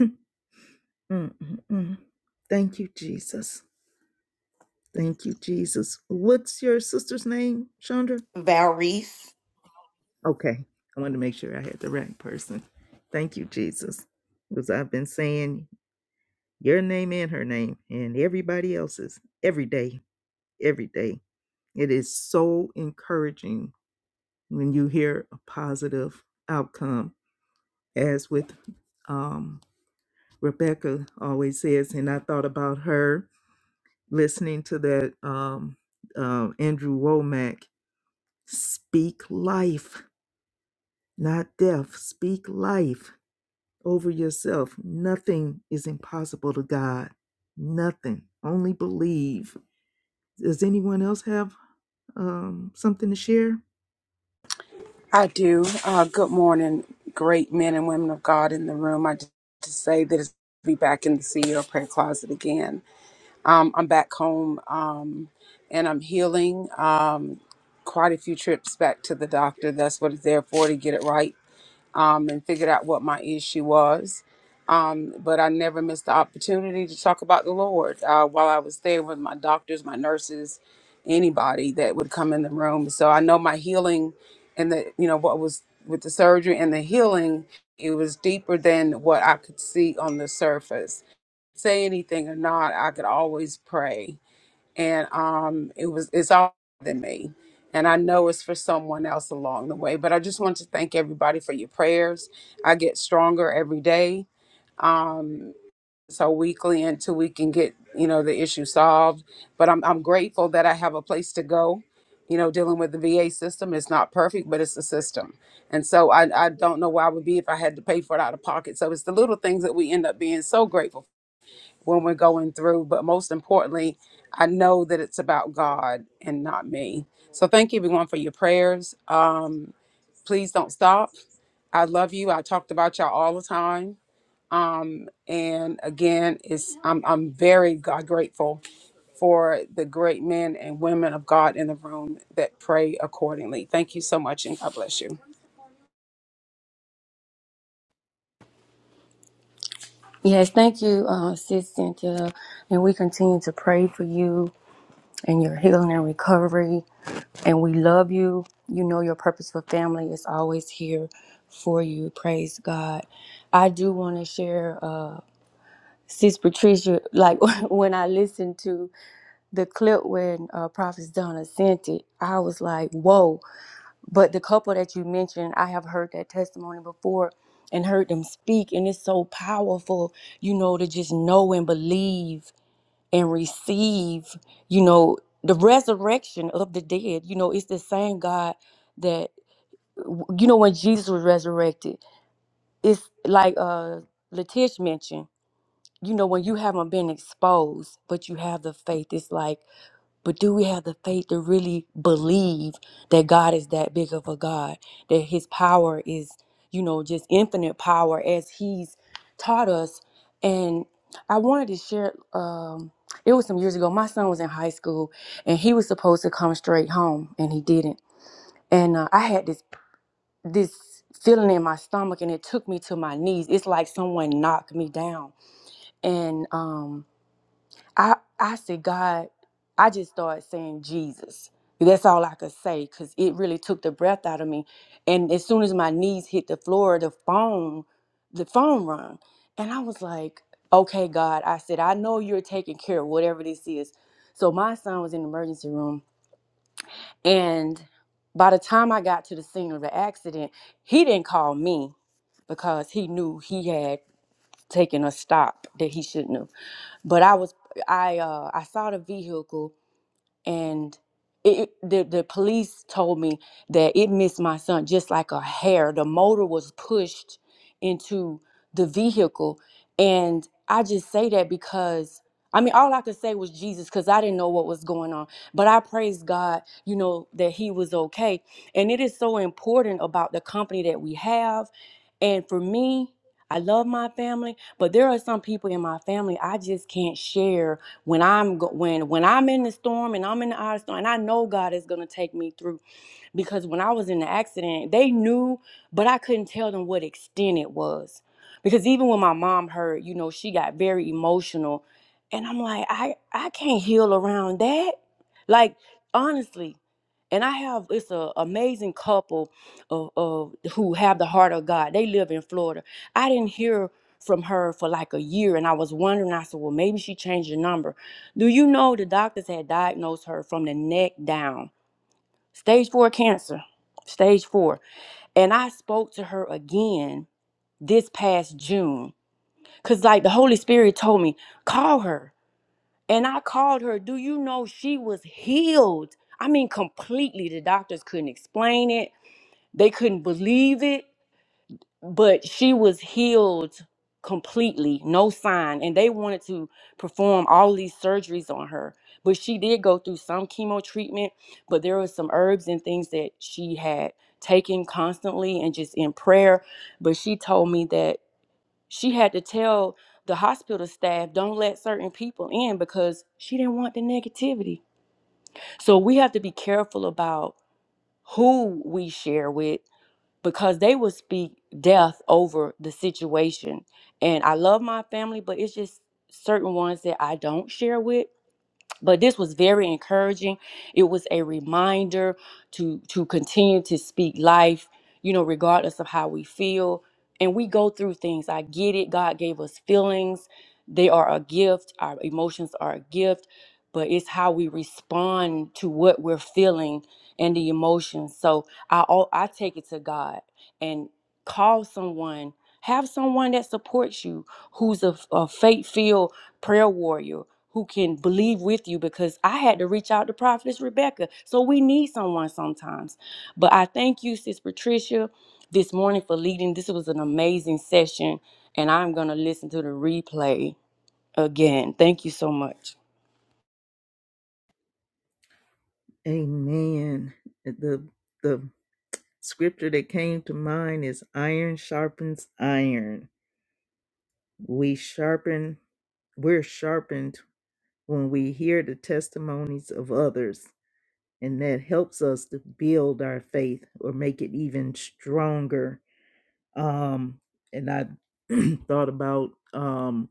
<laughs> mm mm mm. Thank you, Jesus. Thank you, Jesus. What's your sister's name, Chandra? Okay. I wanted to make sure I had the right person. Thank you, Jesus. Because I've been saying your name and her name and everybody else's every day, every day. It is so encouraging when you hear a positive outcome, as with um, Rebecca always says, and I thought about her listening to that um, uh, Andrew Womack speak life, not death, speak life over yourself. Nothing is impossible to God. Nothing. Only believe. Does anyone else have um, something to share? I do. Uh, good morning, great men and women of God in the room. I just to say that it's be back in the CEO prayer closet again. Um, I'm back home um, and I'm healing. Um, quite a few trips back to the doctor. That's what it's there for to get it right um, and figured out what my issue was. Um, but I never missed the opportunity to talk about the Lord uh, while I was there with my doctors, my nurses, anybody that would come in the room. So I know my healing and the, you know, what was with the surgery and the healing, it was deeper than what I could see on the surface. Say anything or not, I could always pray and um it was it's all than me and i know it's for someone else along the way but i just want to thank everybody for your prayers i get stronger every day um so weekly until we can get you know the issue solved but i'm, I'm grateful that i have a place to go you know dealing with the va system it's not perfect but it's a system and so I, I don't know where i would be if i had to pay for it out of pocket so it's the little things that we end up being so grateful when we're going through. But most importantly, I know that it's about God and not me. So thank everyone for your prayers. Um, please don't stop. I love you. I talked about y'all all the time. And again, it's I'm I'm very God grateful for the great men and women of God in the room that pray accordingly. Thank you so much and God bless you. Yes, thank you, uh, Sis Cynthia. And we continue to pray for you and your healing and recovery. And we love you. You know your purpose for family is always here for you. Praise God. I do want to share, uh, Sis Patricia, like <laughs> when I listen to the clip when uh, Prophet Donna sent it, I was like, whoa. But the couple that you mentioned, I have heard that testimony before and heard them speak. And it's so powerful, you know, to just know and believe and receive, you know, the resurrection of the dead. You know, it's the same God that, you know, when Jesus was resurrected, it's like uh, Letish mentioned, you know, when you haven't been exposed, but you have the faith, it's like, but do we have the faith to really believe that God is that big of a God, that his power is, you know, just infinite power as he's taught us? And I wanted to share, um, it was some years ago. My son was in high school and he was supposed to come straight home and he didn't. And uh, I had this this feeling in my stomach and it took me to my knees. It's like someone knocked me down. And um I I said, God, I just started saying Jesus. That's all I could say because it really took the breath out of me. And as soon as my knees hit the floor, the phone, the phone rung. And I was like, okay, God, I said, I know you're taking care of whatever this is. So my son was in the emergency room. And by the time I got to the scene of the accident, he didn't call me because he knew he had taken a stop that he shouldn't have. But I was I uh I saw the vehicle and it, the the police told me that it missed my son just like a hair. The motor was pushed into the vehicle, and I just say that because I mean all I could say was Jesus because I didn't know what was going on. But I praise God, you know, that he was okay. And it is so important about the company that we have. And for me, I love my family, but there are some people in my family I just can't share when I'm go- when when I'm in the storm and I'm in the eye of storm, and I know God is gonna take me through. Because when I was in the accident, they knew, but I couldn't tell them what extent it was. Because even when my mom heard, you know, she got very emotional, and I'm like, I I can't heal around that. Like honestly, and I have it's an amazing couple of, of who have the heart of God. They live in Florida. I didn't hear from her for like a year, and I was wondering. I said, "Well, maybe she changed the number." Do you know the doctors had diagnosed her from the neck down, stage four cancer, stage four. And I spoke to her again this past June, cause like the Holy Spirit told me call her, and I called her. Do you know she was healed? I mean, completely. The doctors couldn't explain it they couldn't believe it, but she was healed completely, no sign. And they wanted to perform all these surgeries on her. But she did go through some chemo treatment, but there was some herbs and things that she had taken constantly and just in prayer. But she told me that she had to tell the hospital staff don't let certain people in because she didn't want the negativity. So we have to be careful about who we share with because they will speak death over the situation. And I love my family, but it's just certain ones that I don't share with. But this was very encouraging. It was a reminder to to continue to speak life, you know, regardless of how we feel. And we go through things. I get it. God gave us feelings. They are a gift. Our emotions are a gift, but it's how we respond to what we're feeling and the emotions. So I all I take it to God and call someone, have someone that supports you, who's a, a faith-filled prayer warrior who can believe with you because I had to reach out to Prophetess Rebecca. So we need someone sometimes. But I thank you, Sis Patricia, this morning for leading. This was an amazing session, and I'm gonna listen to the replay again. Thank you so much. Amen. The the Scripture that came to mind is iron sharpens iron. We sharpen, we're sharpened when we hear the testimonies of others, and that helps us to build our faith or make it even stronger um and i <clears throat> thought about um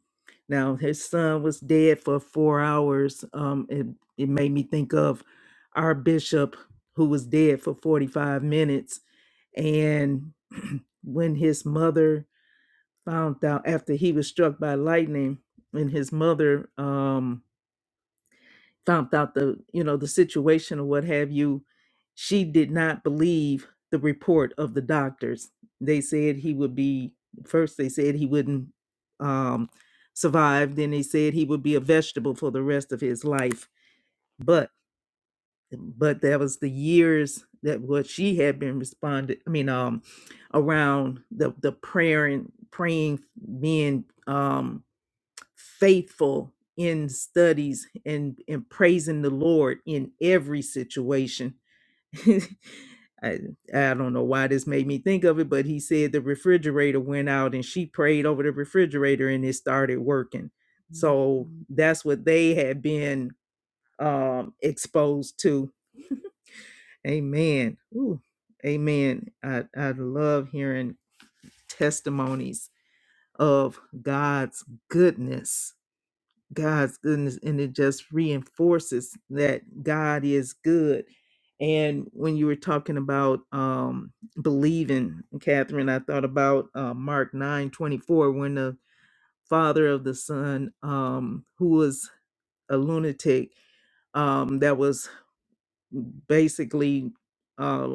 now his son was dead for four hours um it, it made me think of our bishop who was dead for 45 minutes and <clears throat> when his mother found out after he was struck by lightning and his mother um found out the you know the situation or what have you she did not believe the report of the doctors they said he would be first they said he wouldn't um survive then they said he would be a vegetable for the rest of his life but but that was the years that what she had been responded i mean um around the the prayer and praying being um faithful in studies and and praising the Lord in every situation. <laughs> I, I don't know why this made me think of it, but he said the refrigerator went out and she prayed over the refrigerator and it started working. Mm-hmm. So Mhm. that's what they had been um, exposed to. Amen. Ooh, amen. I, I love hearing testimonies of God's goodness God's goodness, and it just reinforces that God is good. And when you were talking about um, believing, Catherine, I thought about uh, Mark nine twenty four when the father of the son um, who was a lunatic um, that was basically uh,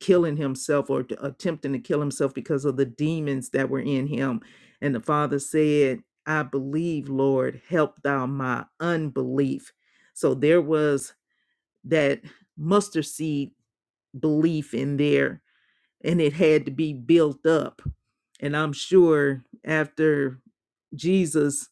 killing himself or t- attempting to kill himself because of the demons that were in him. And the father said, I believe, Lord, help thou my unbelief. So there was that mustard seed belief in there and it had to be built up. And I'm sure after Jesus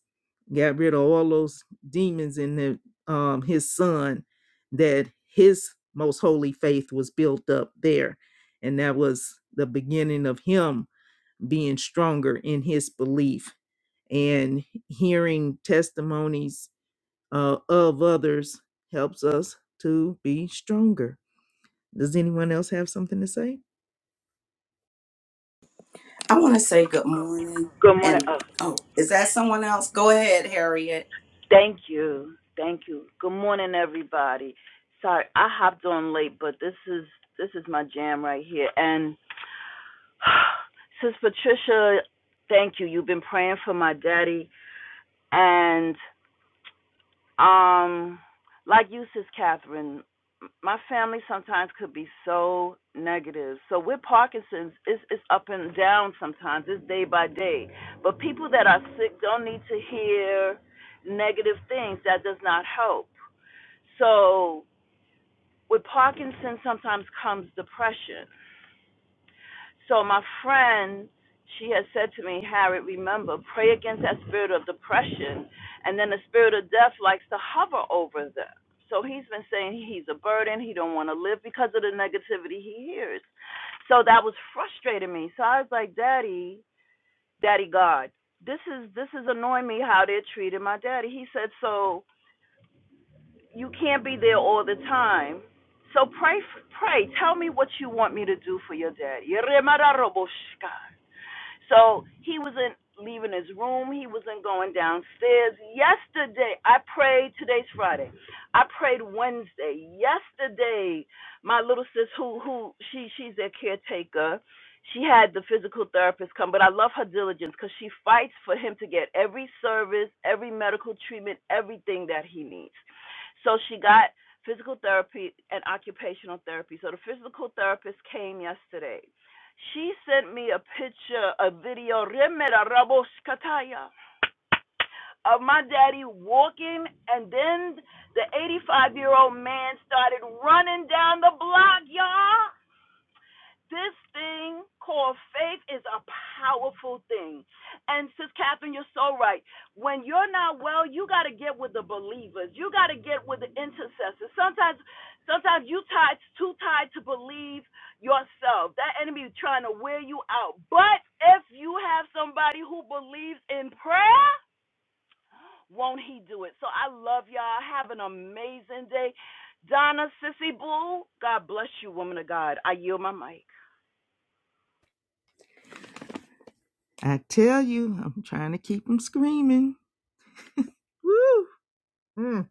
got rid of all those demons in the, um, his son, that his most holy faith was built up there. And that was the beginning of him being stronger in his belief and hearing testimonies uh, of others helps us to be stronger. Does anyone else have something to say? I want to say good morning. Good morning. And Oh, oh, is that someone else? Go ahead, Harriet. thank you. Thank you. Good morning, everybody. Sorry, I hopped on late, but this is this is my jam right here. And <sighs> Sis Patricia, thank you. You've been praying for my daddy, and Um, like you, Sis Catherine, my family sometimes could be so negative. So with Parkinson's, it's, it's up and down sometimes. It's day by day. But people that are sick don't need to hear negative things. That does not help. So with Parkinson's sometimes comes depression. So my friend, she had said to me, Harriet, remember, pray against that spirit of depression. And then the spirit of death likes to hover over them. So he's been saying he's a burden, he don't want to live because of the negativity he hears. So that was frustrating me. So I was like, Daddy, Daddy God, this is this is annoying me how they're treating my daddy. He said, So you can't be there all the time. So pray, pray. Tell me what you want me to do for your daddy. So he wasn't leaving his room. He wasn't going downstairs. Yesterday, I prayed. Today's Friday. I prayed Wednesday. Yesterday, my little sis, who who she she's their caretaker. She had the physical therapist come, but I love her diligence because she fights for him to get every service, every medical treatment, everything that he needs. So she got physical therapy and occupational therapy. So the physical therapist came yesterday she sent me a picture, a video, remera raboskataya, of my daddy walking, and then the 85 year old man started running down the block, y'all this thing called faith is a powerful thing. And Sis Catherine, you're so right. When you're not well, you got to get with the believers. You got to get with the intercessors. Sometimes, sometimes you tied too tired to believe yourself. That enemy is trying to wear you out. But if you have somebody who believes in prayer, won't he do it? So I love y'all. Have an amazing day. Donna Sissy Boo, God bless you, woman of God. I yield my mic. I tell you, I'm trying to keep them screaming. Woo! Mm.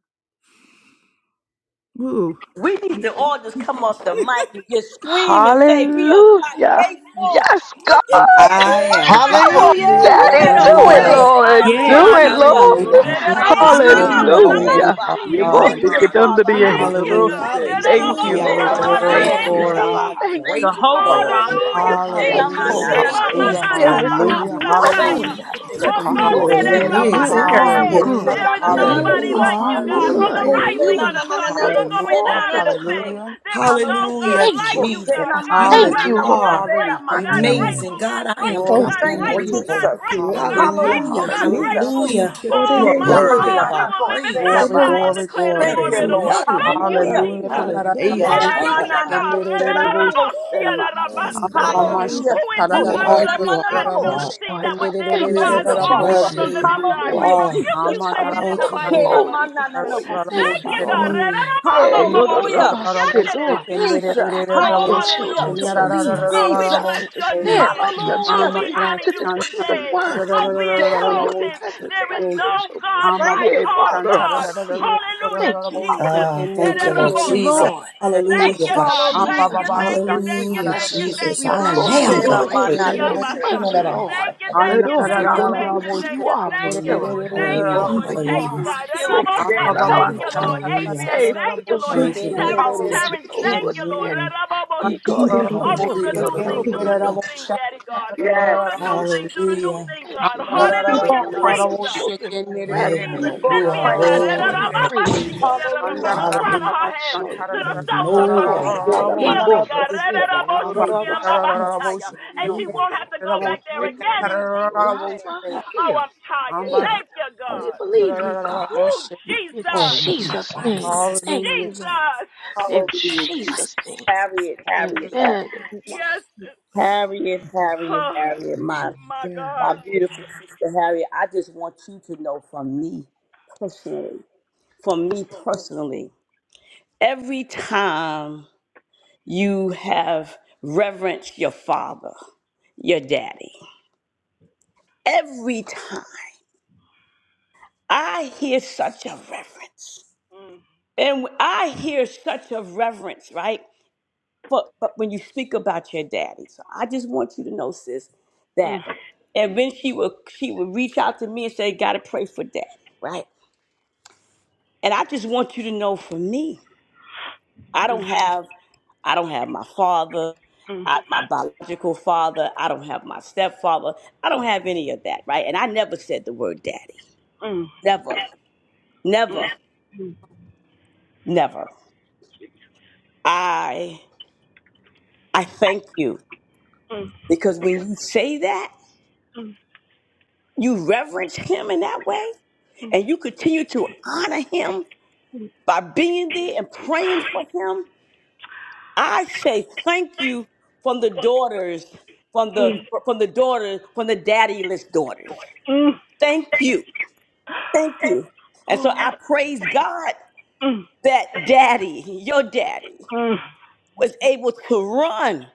Woo! We need to all just come off the mic and just scream and say, We are God Hallelujah. grateful. Yes, come Look at Thank you, Daddy. I Come am on, God on, Harriet. Hallelujah! Amen. You Daddy, better Thank do you. it, Jesus, Hallelujah. pray. grateful. Lord. I Come am on, Yes, Do thank God it, I Jesus. Lord. am Thank grateful. hallelujah. you. Thank you, God Praise Shada Jesus. Thank Glory to God. you. manago your grateful. name, seda Hallelujah. Father baha. Yeah, Thank Thank boy, you, God. Thank it you, get Father. under Father. the Thank air. You Thank know you, you, what I'm Hallelujah. Jesus. Hallelujah, God. saying? Jesus. Oh, Thank you, Hallelujah. Glory, shada Lord. I glory, mananago Thank Yes, am you. glory. seda God baha. Thank Thank you, you, Jehovah Lord. Father. grateful. you. Rapha. You're Hallelujah, Goshela Jesus. Hallelujah, faithful, Hallelujah. Lord. manana Praise na hallelujah, Jesus, I goshela There is baha. not praise hallelujah, you, one Thank God. thing Iba-manananamosataya. you, hallelujah, that is too Jesus. There hard for is, you. there Goshela hallelujah, You is, manana there are na Otonde-re-rabashke. is, hallelujah, good. There goshela is na na there na You Thank nobody hallelujah, is, goshela like are you, there baha. God, is, from hallelujah, the good. there You rising Goshela of is. na the na are na sun to na good the you. going goshela all hallelujah, na down na the of the time. goshela. same. hallelujah, There is I no Hallelujah. God Hallelujah, thank like you. you, Jesus. God. Goshela I God, You thank manana you, na Lord. hallelujah, grateful, God, are Father, goshela we grateful, thank you. God, manana you. go. Yeah. amazing. grateful, God, God, I am grateful, Glory God Thank God, to your Thank you, name. grateful, God, grateful. Jesus. grateful, God, Hallelujah, Hallelujah, grateful, Hallelujah, God, hallelujah. Jesus. grateful. hallelujah. Oh, You are Goshela my you. Great worthy Lord, of we manana our Jesus. will live and not goshela praise, glory, die baha. and glory, Jesus. declare the Thank There glory. you, is glory of the Lord. none Lord. like Thank you, you, God. Hallelujah. Hallelujah. Jesus. Hallelujah. I thank Tandaraboshe, you, Hallelujah, God. God. Sheramananago, Seramango, tenererereboshi. Serabaha. Yes, Lord. Amamasha, Hallelujah. Who is Well, this You are, you are, uncircumcised Sheramanago, you are. tararararararaboshe, Philistine Lord, that Serabaha. would dare thank Thank defy you Jesus, the you, I that tenererereraraboshe. you armies Father. love of the you receive for our living who you God? prayers. We Hallelujah, are. rebuke You you, Jesus. tell us Satan, to in the Thank Go you, come mighty Lord. name of boldly Jesus. before Sheramananago, you. Thank mm Thank you, you, Serabaha. God. Lord. mm, Eh, Hallelujah, yodododabasedo, To Jesus. act like Oh, your Hallelujah, children, Lord to hallelujah. believe like Jesus. Oh, your we bless Jesus. children, to your mm stand name. like your mm. Oh, Hallelujah, we children, honor to Jesus. you decree the today. word Oh, like you be Sheramananago, Amma Serabaha. carry your exalted. presence There like is your no children. God Thank like you, Yeah, our Father. God. bodododabasiya. Hallelujah, Thank you, O Jesus. God. Ah, thank you, Thank Lord you, Jesus. Lord. Thank Thank Hallelujah, you, you, God. God. Hallelujah, Jesus. Thank you, thank you, Jesus. We thank you, Hallelujah, thank bless you, you. thank Jesus. We you. I Go bless you. am We God. praise you. Sheramanago, grateful. Rorobobositiambasha. Thank Serabaha. you, Lord. Thank you, Ambara thank you, thank Thank you, you. Hadohigo, thank Hallelujah, you, thank You you, are a thank you, Hallelujah, healer. Lord. Thank you, hallelujah, Lord. Ibohana, You Chase are hallelujah, our God. healing and our Rabosa, health, Jesus. thank hallelujah, you, oh God. Lord. hallelujah. Adrian, Thank for the thank you, Lord. divine Thank you, healing Lord for Terrence, Hallelujah. each Jesus. of Terrence, those who are thank you, Lord. Hallelujah, standing. Raboboshi. Oh, do the hallelujah, new thing, do the new hallelujah, Ikohibobohidododobosiya, thing, For Daddy that God. Yes. Do the gift, new that thing, do the new blessing. hallelujah. thing, Thank God. you. You Thank you, said the Keep Lord Hallelujah, on healing is Jesus. the praying. Jesus. children's bread, Yea, Jesus, Keep Lord, on you I are Cynthia, praying. God, thank you and worthy, I Lord praise you. Jesus. You from Hallelujah. are the a Jesus. crown good of Hallelujah. her God. head Surely to you the will There's not soles of her withhold. nobody. feet. Spirit of Ye man Hallelujah. and Healing, of God. bohe the de de Spirit of de God. yo do do Thank do you, ba Father. si. Jesus, you Ye are And yo she amazing. go won't de have to go back there Jehovah again in Jesus' name. Rapha, Oh, I'm heal, tired. heal. Thank you, We God. believe Oh, you, God. God. Woo, In Oh, Jesus. Lord, you Jesus' name. device. Thank Hallelujah. you, Lord. Jesus. In Hallelujah. Jesus. Jesus' name. Harriet, Harriet, Amen. Harriet. Yes. Harriet, Harriet, Oh, Harriet. My, my my God. beautiful sister Harriet, I just want you to know from me personally, from me personally, every time you have reverenced your father, your daddy, every time. I hear such a reverence. And I hear such a reverence, right? But, but when you speak about your daddy, so I just want you to know, sis, Mm, that and then she would she would reach out to me and say, "Gotta pray for daddy," right? And I just want you to know, for me, I don't have I don't have my father, mm, I, my biological father. I don't have my stepfather. I don't have any of that, right? And I never said the word daddy, mm, mm, mm, mm, never, never, never. I I thank you mm, because when you say that, you reverence him in that way and mm, you continue to honor him by being there and praying for him. I say thank you from the daughters, from the from the daughters, from the daddyless daughters. mm, mm, Thank you. Thank you. And so I praise God mm, that daddy, your daddy, mm. was able to run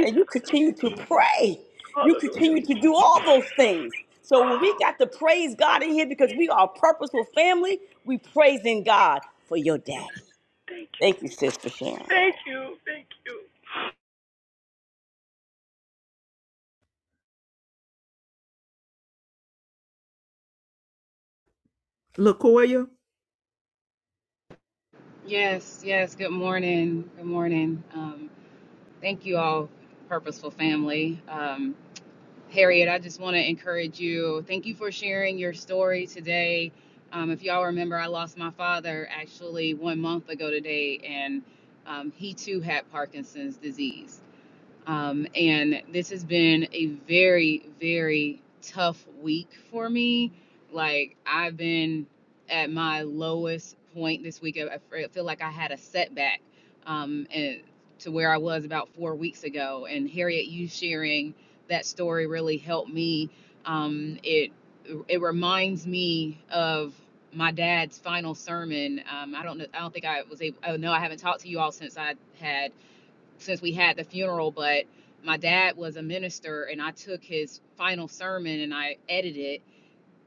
and you continue to pray. You continue to do all those things. So when we got to praise God in here because we are a purposeful family, we praising God for your daddy. Thank you, sis, for sharing. Thank you. Thank you. LaCoya, Yes, yes. Good morning. Good morning. Um, thank you all, Purposeful Family. Um, Harriet, I just want to encourage you. Thank you for sharing your story today. Um, if y'all remember, I lost my father actually one month ago today, and um, he too had Parkinson's disease. Um, and this has been a very, very tough week for me. Like, I've been at my lowest point this week. I feel like I had a setback um, and to where I was about four weeks ago. And Harriet, you sharing that story really helped me. Um, it it reminds me of my dad's final sermon. Um, I don't know. I don't think I was able. Oh no, I haven't talked to you all since I had since we had the funeral, but my dad was a minister and I took his final sermon and I edited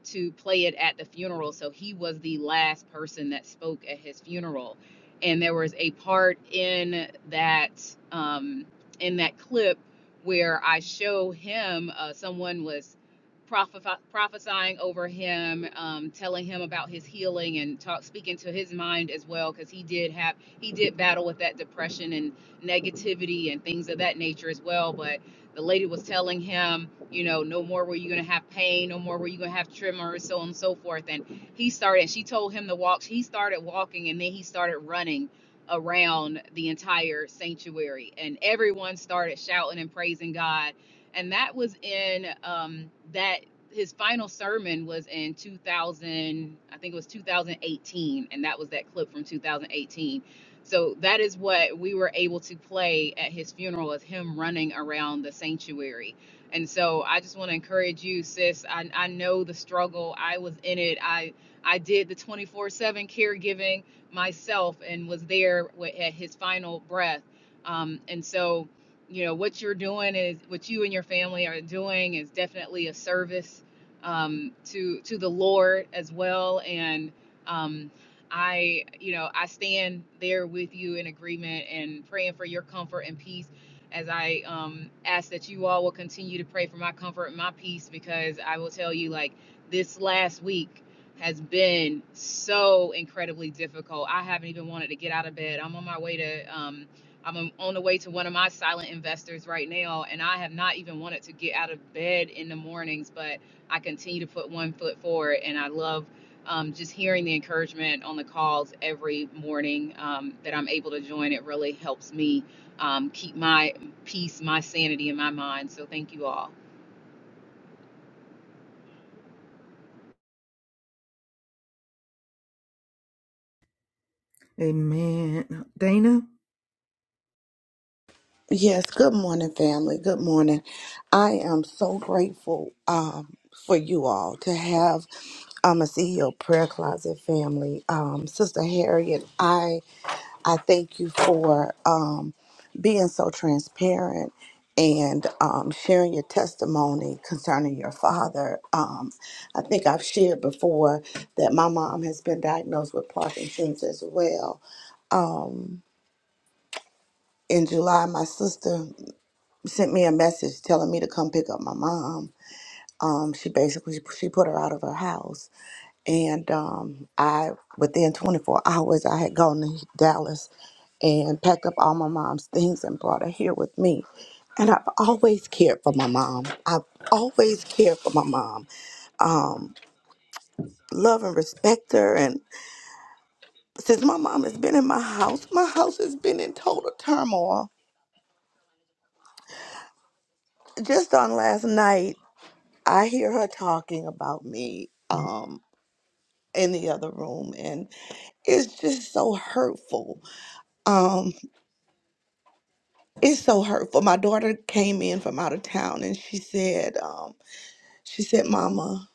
to play it at the funeral. So he was the last person that spoke at his funeral. And there was a part in that um, in that clip where I show him uh, someone was prophe- prophesying over him, um, telling him about his healing and talk, speaking to his mind as well, because he did have he did battle with that depression and negativity and things of that nature as well. But the lady was telling him, you know, no more were you going to have pain, no more were you going to have tremors, so on and so forth. And he started, she told him to walk. He started walking and then he started running around the entire sanctuary. And everyone started shouting and praising God. And that was in um, that, his final sermon was in 2000, I think it was 2018. And that was that clip from 2018 so that is what we were able to play at his funeral is him running around the sanctuary. And so I just want to encourage you, sis. I, I know the struggle. I was in it. I I did the 24/7 caregiving myself and was there wi- at his final breath. Um, and so, you know, what you're doing is what you and your family are doing is definitely a service um, to to the Lord as well. And um, I, you know, I stand there with you in agreement and praying for your comfort and peace as I um, ask that you all will continue to pray for my comfort and my peace because I will tell you, like, this last week has been so incredibly difficult. I haven't even wanted to get out of bed. I'm on my way to, um, I'm on the way to one of my silent investors right now, and I have not even wanted to get out of bed in the mornings, but I continue to put one foot forward, and I love um, just hearing the encouragement on the calls every morning um, that I'm able to join, it really helps me um, keep my peace, my sanity in my mind. So thank you all. amen. Dana, <sighs> Yes, good morning, family. Good morning. I am so grateful um, for you all to have um, a CEO prayer closet family. Um, Sister Harriet, I I thank you for um, being so transparent and um, sharing your testimony concerning your father. Um, I think I've shared before that my mom has been diagnosed with Parkinson's as well. Um, in July, my sister sent me a message telling me to come pick up my mom. Um, she basically she put her out of her house, and um, I within 24 hours I had gone to Dallas and packed up all my mom's things and brought her here with me. And I've always cared for my mom. I've always cared for my mom. Um, love and respect her. And since my mom has been in my house, my house has been in total turmoil. Just on last night, I hear her talking about me. Um, in the other room and it's just so hurtful um it's so hurtful my daughter came in from out of town and she said um she said mama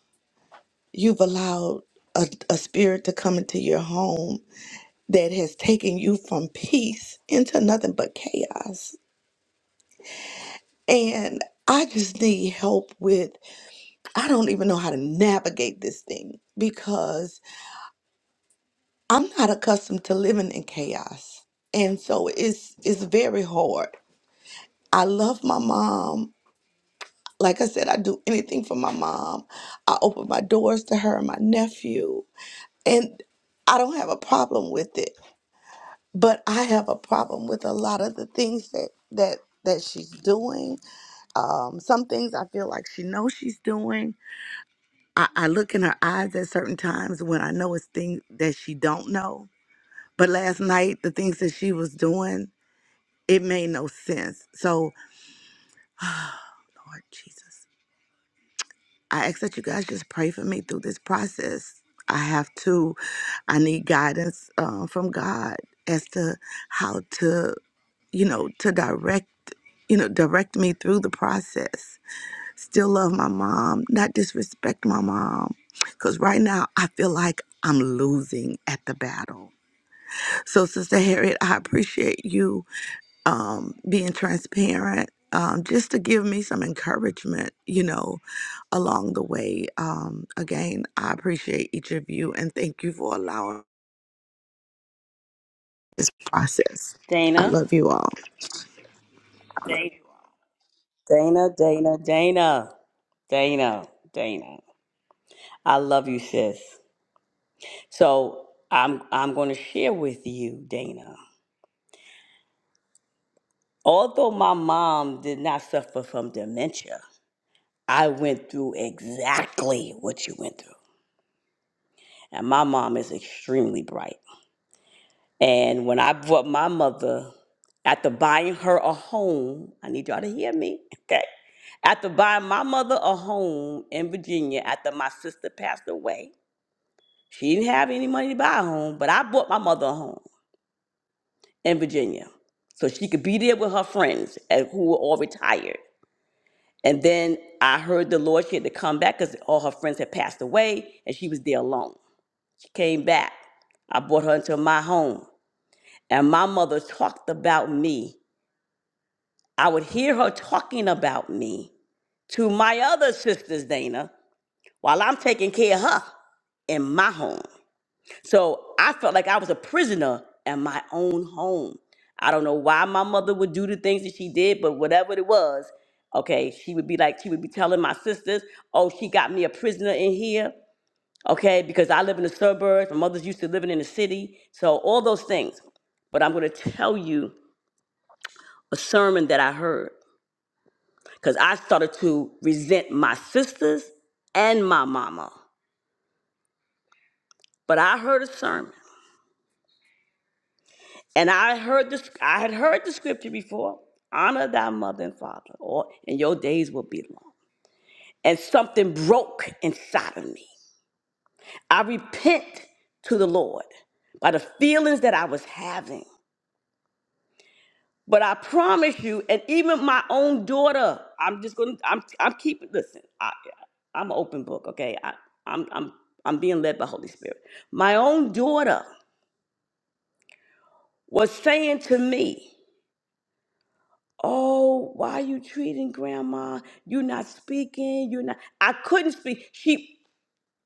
you've allowed a, a spirit to come into your home that has taken you from peace into nothing but chaos and i just need help with i don't even know how to navigate this thing because i'm not accustomed to living in chaos and so it's it's very hard I love my mom. Like I said, I do anything for my mom. I open my doors to her and my nephew. And I don't have a problem with it. But I have a problem with a lot of the things that that that she's doing. Um, some things I feel like she knows she's doing. I, I look in her eyes at certain times when I know it's things that she don't know. But last night, the things that she was doing, it made no sense. So, Lord Jesus. I ask that you guys just pray for me through this process. I have to, I need guidance um, from God as to how to, you know, to direct, you know, direct me through the process. Still love my mom, not disrespect my mom. Because right now I feel like I'm losing at the battle. So, Sister Harriet, I appreciate you um, being transparent, um, just to give me some encouragement, you know, along the way. Um, again, I appreciate each of you and thank you for allowing this process. I Dana, love you all. Dana, Dana, Dana, Dana, Dana. I love you, sis. So I'm I'm gonna share with you, Dana. Although my mom did not suffer from dementia, I went through exactly what you went through. And my mom is extremely bright. And when I brought my mother, after buying her a home, I need y'all to hear me, <laughs> okay? After buying my mother a home in Virginia after my sister passed away, she didn't have any money to buy a home, but I bought my mother a home in Virginia so she could be there with her friends and who were all retired. And then I heard the Lord she had to come back because all her friends had passed away and she was there alone. came back. I brought her into my home. And my mother talked about me. I would hear her talking about me to my other sisters, Dana, while I'm taking care of her in my home. So I felt like I was a prisoner in my own home. I don't know why my mother would do the things that she did, but whatever it was, okay, she would be like, she would be telling my sisters, oh, she got me a prisoner in here. okay? Because I live in the suburbs, my mother's used to living in the city, so all those things. But I'm going to tell you a sermon that I heard because I started to resent my sisters and my mama. But I heard a sermon, and I heard this. I had heard the scripture before: "Honor thy mother and father, or and your days will be long." And something broke inside of me. I repent to the Lord by the feelings that I was having. But I promise you, and even my own daughter, I'm just gonna, I'm, I'm keeping. Listen, I, I'm an open book, okay? I, I'm, I'm, I'm being led by Holy Spirit. My own daughter was saying to me, "Oh, why are you treating Grandma? You're not speaking. You're not." I couldn't speak. She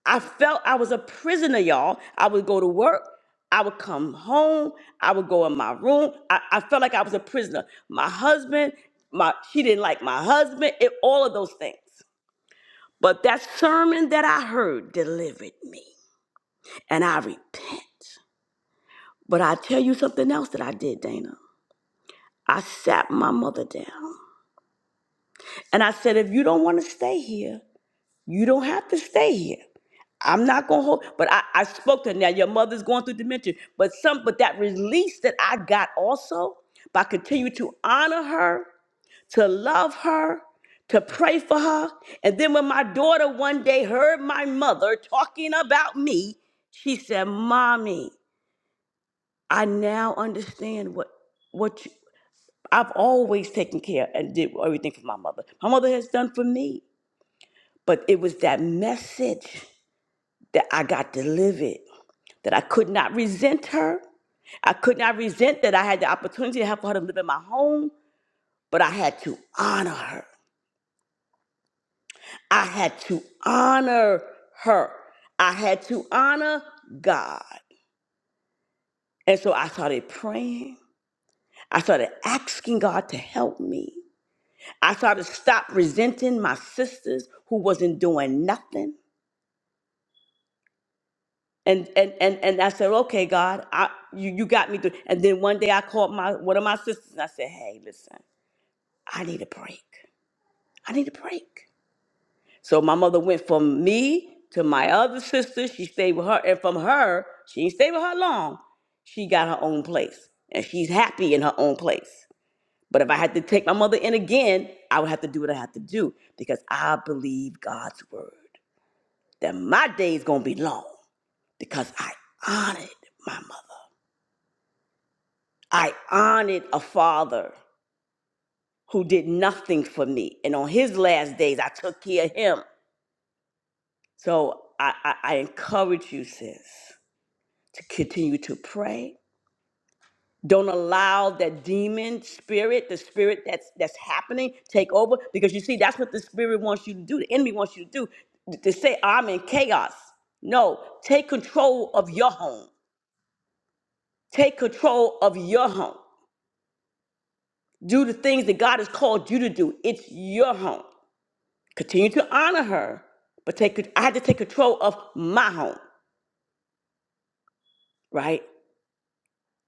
I felt I was a prisoner, y'all. I would go to work. I would come home. I would go in my room. I, I felt like I was a prisoner. My husband, my she didn't like my husband, it, all of those things. But that sermon that I heard delivered me. And I repent. But I tell you something else that I did, Dana. I sat my mother down. And I said, if you don't want to stay here, you don't have to stay here. I'm not gonna hold, but I, I spoke to her. Now your mother's going through dementia, but some, but that release that I got also by continuing to honor her, to love her, to pray for her, and then when my daughter one day heard my mother talking about me, she said, "Mommy, I now understand what what you, I've always taken care and did everything for my mother. My mother has done for me, but it was that message that I got delivered. that I could not resent her. I could not resent that I had the opportunity to have for her to live in my home, but I had to honor her. I had to honor her. I had to honor God. And so I started praying. I started asking God to help me. I started stop resenting my sisters who wasn't doing nothing. And and and and I said, okay, God, I you, you got me through. And then one day I called my one of my sisters and I said, hey, listen, I need a break. I need a break. So my mother went from me to my other sister. She stayed with her. And from her, she didn't stay with her long. She got her own place. And she's happy in her own place. But if I had to take my mother in again, I would have to do what I have to do because I believe God's word that my day is going to be long because I honored my mother. I honored a father who did nothing for me. And on his last days, I took care of him. So I, I, I encourage you, sis, to continue to pray. Don't allow that demon spirit, the spirit that's that's happening, take over. Because you see, that's what the spirit wants you to do. The enemy wants you to do t- to say, "I'm in chaos." No, take control of your home. Take control of your home. Do the things that God has called you to do. It's your home. Continue to honor her, but take. I had to take control of my home, right?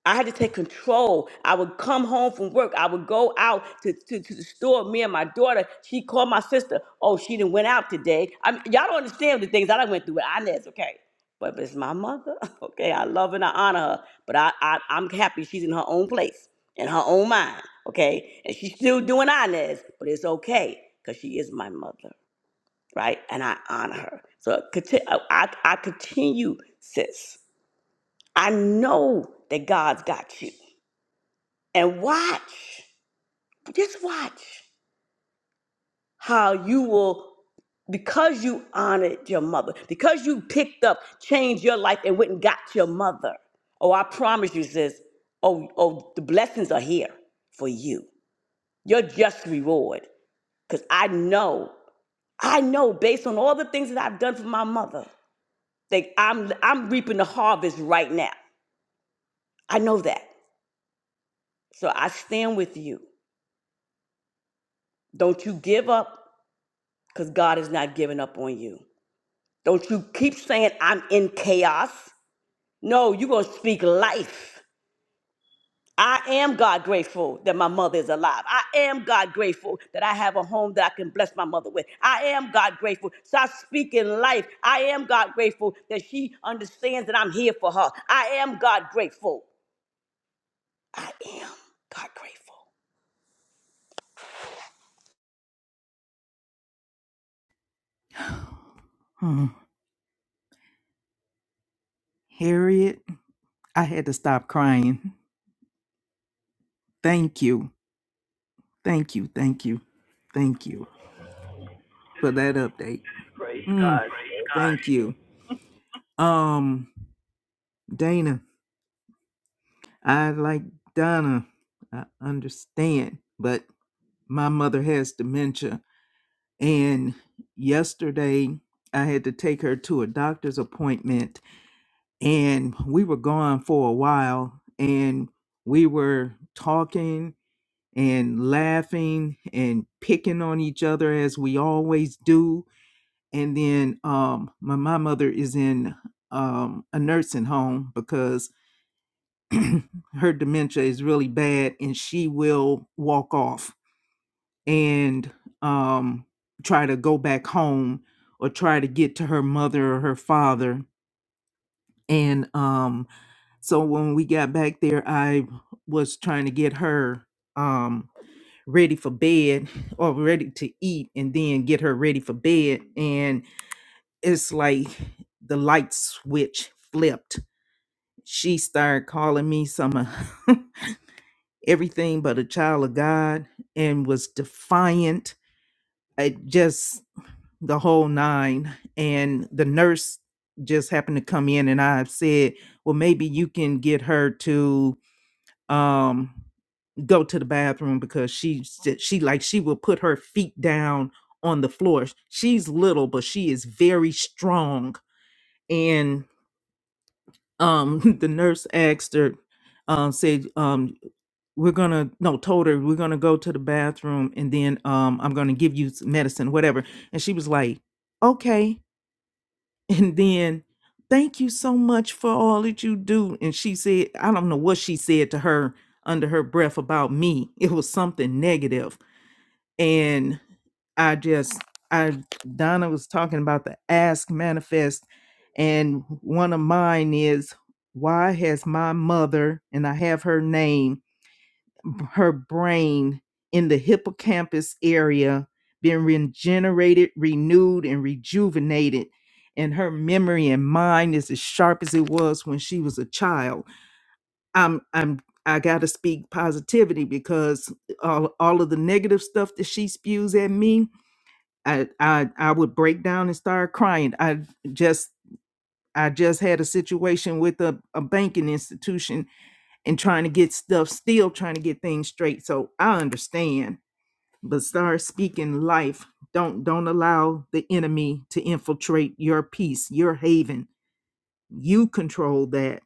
I had to take control. I would come home from work. I would go out to, to, to the store. Me and my daughter, she called my sister. Oh, she didn't went out today. I mean, y'all don't understand the things that I went through with Inez, okay? But it's my mother, <laughs> okay? I love and I honor her, but I, I, I'm happy she's in her own place, in her own mind, okay? And she's still doing Inez, but it's okay because she is my mother, right? And I honor her. So conti- I, I I continue, sis. I know that God's got you and watch, just watch how you will, because you honored your mother, because you picked up, changed your life, and went and got your mother. Oh, I promise you, sis. Oh, oh, the blessings are here for you. Your just reward. Because I know, I know based on all the things that I've done for my mother, that I'm I'm reaping the harvest right now. I know that. So I stand with you. Don't you give up, because God is not giving up on you. Don't you keep saying I'm in chaos. No, you're going to speak life. I am God grateful that my mother is alive. I am God grateful that I have a home that I can bless my mother with. I am God grateful. Stop speaking life. I am God grateful that she understands that I'm here for her. I am God grateful. I am God grateful. hmm. Harriet, I had to stop crying. Thank you. Thank you. Thank you. Thank you for that update. Praise Mm, God. thank you. Um, Dana. I, like Donna, I understand, but my mother has dementia. And yesterday, I had to take her to a doctor's appointment, and we were gone for a while, and we were talking and laughing and picking on each other as we always do. And then um, my, my mother is in um, a nursing home because <clears throat> her dementia is really bad and she will walk off and um, try to go back home or try to get to her mother or her father. And um, so when we got back there, I was trying to get her um, ready for bed or ready to eat and then get her ready for bed. And it's like the light switch flipped. She started calling me some. <laughs> everything but a child of God and was defiant. It just the whole nine. And the nurse just happened to come in and I said, Well, maybe you can get her to um go to the bathroom because she she like she will put her feet down on the floor. She's little, but she is very strong. And um <laughs> the nurse asked her, um, said, um, we're gonna no told her we're gonna go to the bathroom and then um i'm gonna give you some medicine whatever and she was like okay <laughs> and then thank you so much for all that you do and she said i don't know what she said to her under her breath about me it was something negative and i just i donna was talking about the ask manifest and one of mine is why has my mother and i have her name her brain in the hippocampus area been regenerated, renewed, and rejuvenated. And her memory and mind is as sharp as it was when she was a child. I'm I'm I gotta speak positivity because all all of the negative stuff that she spews at me, I I, I would break down and start crying. I just I just had a situation with a, a banking institution and trying to get stuff still trying to get things straight. So I understand but start speaking life don't don't allow the enemy to infiltrate your peace your haven you control that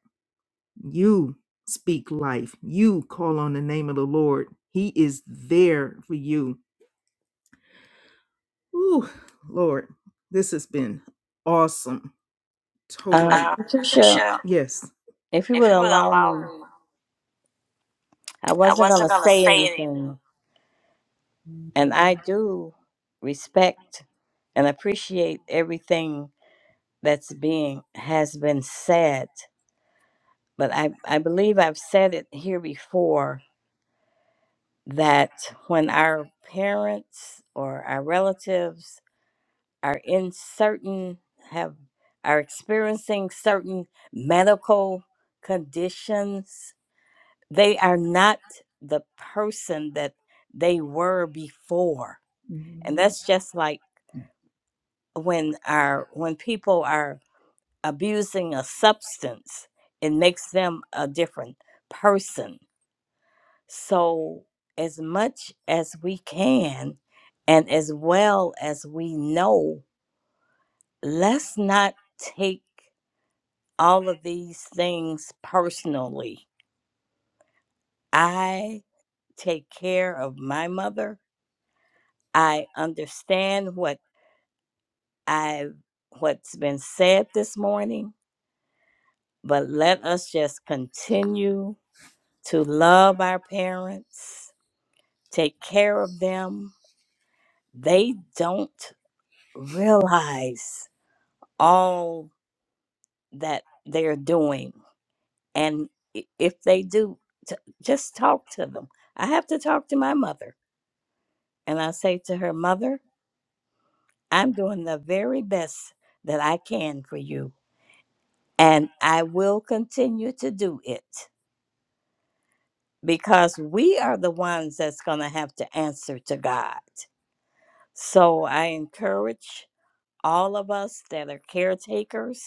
you speak life you call on the name of the lord he is there for you Ooh, lord this has been awesome totally Uh, uh, Patricia, Patricia, yes if you if would you would allow allow me, me I i wasn't going wasn't to gonna say say anything anything, and I do respect and appreciate everything that's being has been said, but I, I believe I've said it here before that when our parents or our relatives are in certain have are experiencing certain medical conditions, they are not the person that they were before. And that's just like when our when people are abusing a substance, it makes them a different person. So, as much as we can, and as well as we know, let's not take all of these things personally. I take care of my mother. I understand what I've what's been said this morning, but let us just continue to love our parents take care of them. They don't realize all that they're doing. And i- if they do, t- just talk to them. I have to talk to my mother. And I say to her, Mother, I'm doing the very best that I can for you. And I will continue to do it because we are the ones that's going to have to answer to God. So I encourage all of us that are caretakers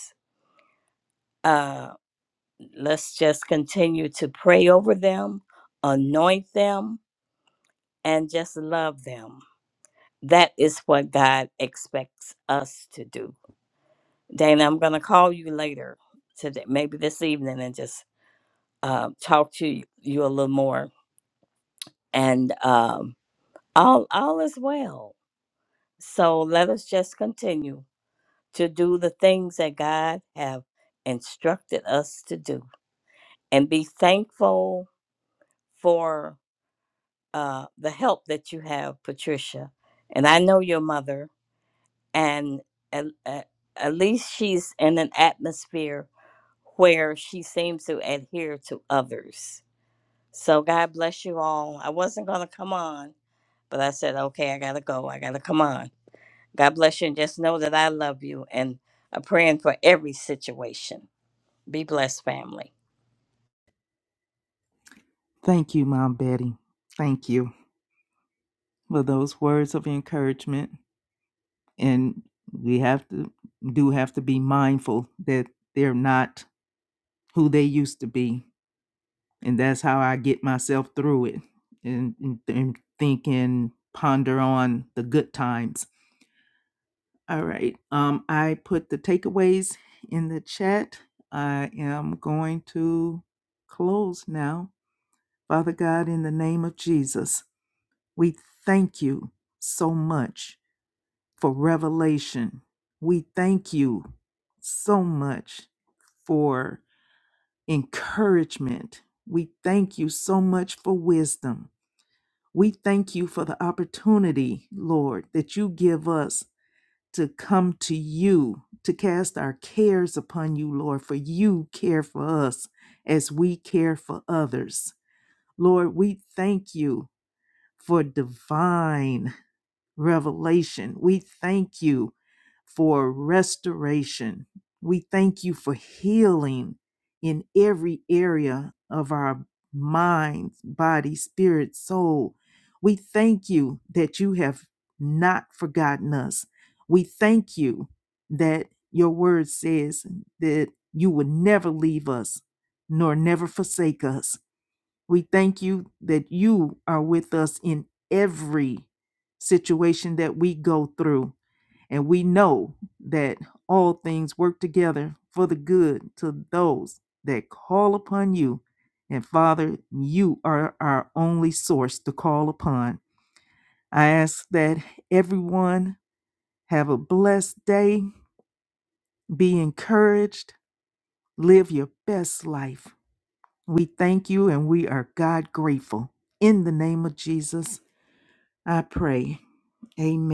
Uh, let's just continue to pray over them, anoint them, and just love them. That is what God expects us to do. Dana, I'm going to call you later today, maybe this evening, and just uh, talk to you, you a little more. And um, all all is well. So let us just continue to do the things that God have instructed us to do, and be thankful for uh, the help that you have, Patricia. And I know your mother, and at, at, at least she's in an atmosphere where she seems to adhere to others. So God bless you all. I wasn't going to come on, but I said, okay, I got to go. I got to come on. God bless you, and just know that I love you and I'm praying for every situation. Be blessed, family. thank you mom betty thank you for those words of encouragement and we have to do have to be mindful that they're not who they used to be and that's how i get myself through it and, and, and think and ponder on the good times all right um i put the takeaways in the chat i am going to close now father god in the name of jesus we thank you so much for revelation. We thank you so much for encouragement. We thank you so much for wisdom. We thank you for the opportunity, Lord, that you give us to come to you, to cast our cares upon you, Lord, for you care for us as we care for others. Lord, we thank you for divine revelation. We thank you for restoration. We thank you for healing in every area of our mind, body, spirit, soul. We thank you that you have not forgotten us. We thank you that your word says that you would never leave us nor never forsake us. We thank you that you are with us in every situation that we go through. And we know that all things work together for the good to those that call upon you. And Father, you are our only source to call upon. I ask that everyone have a blessed day, be encouraged, live your best life. We thank you and we are God grateful. In the name of Jesus. I pray. Amen.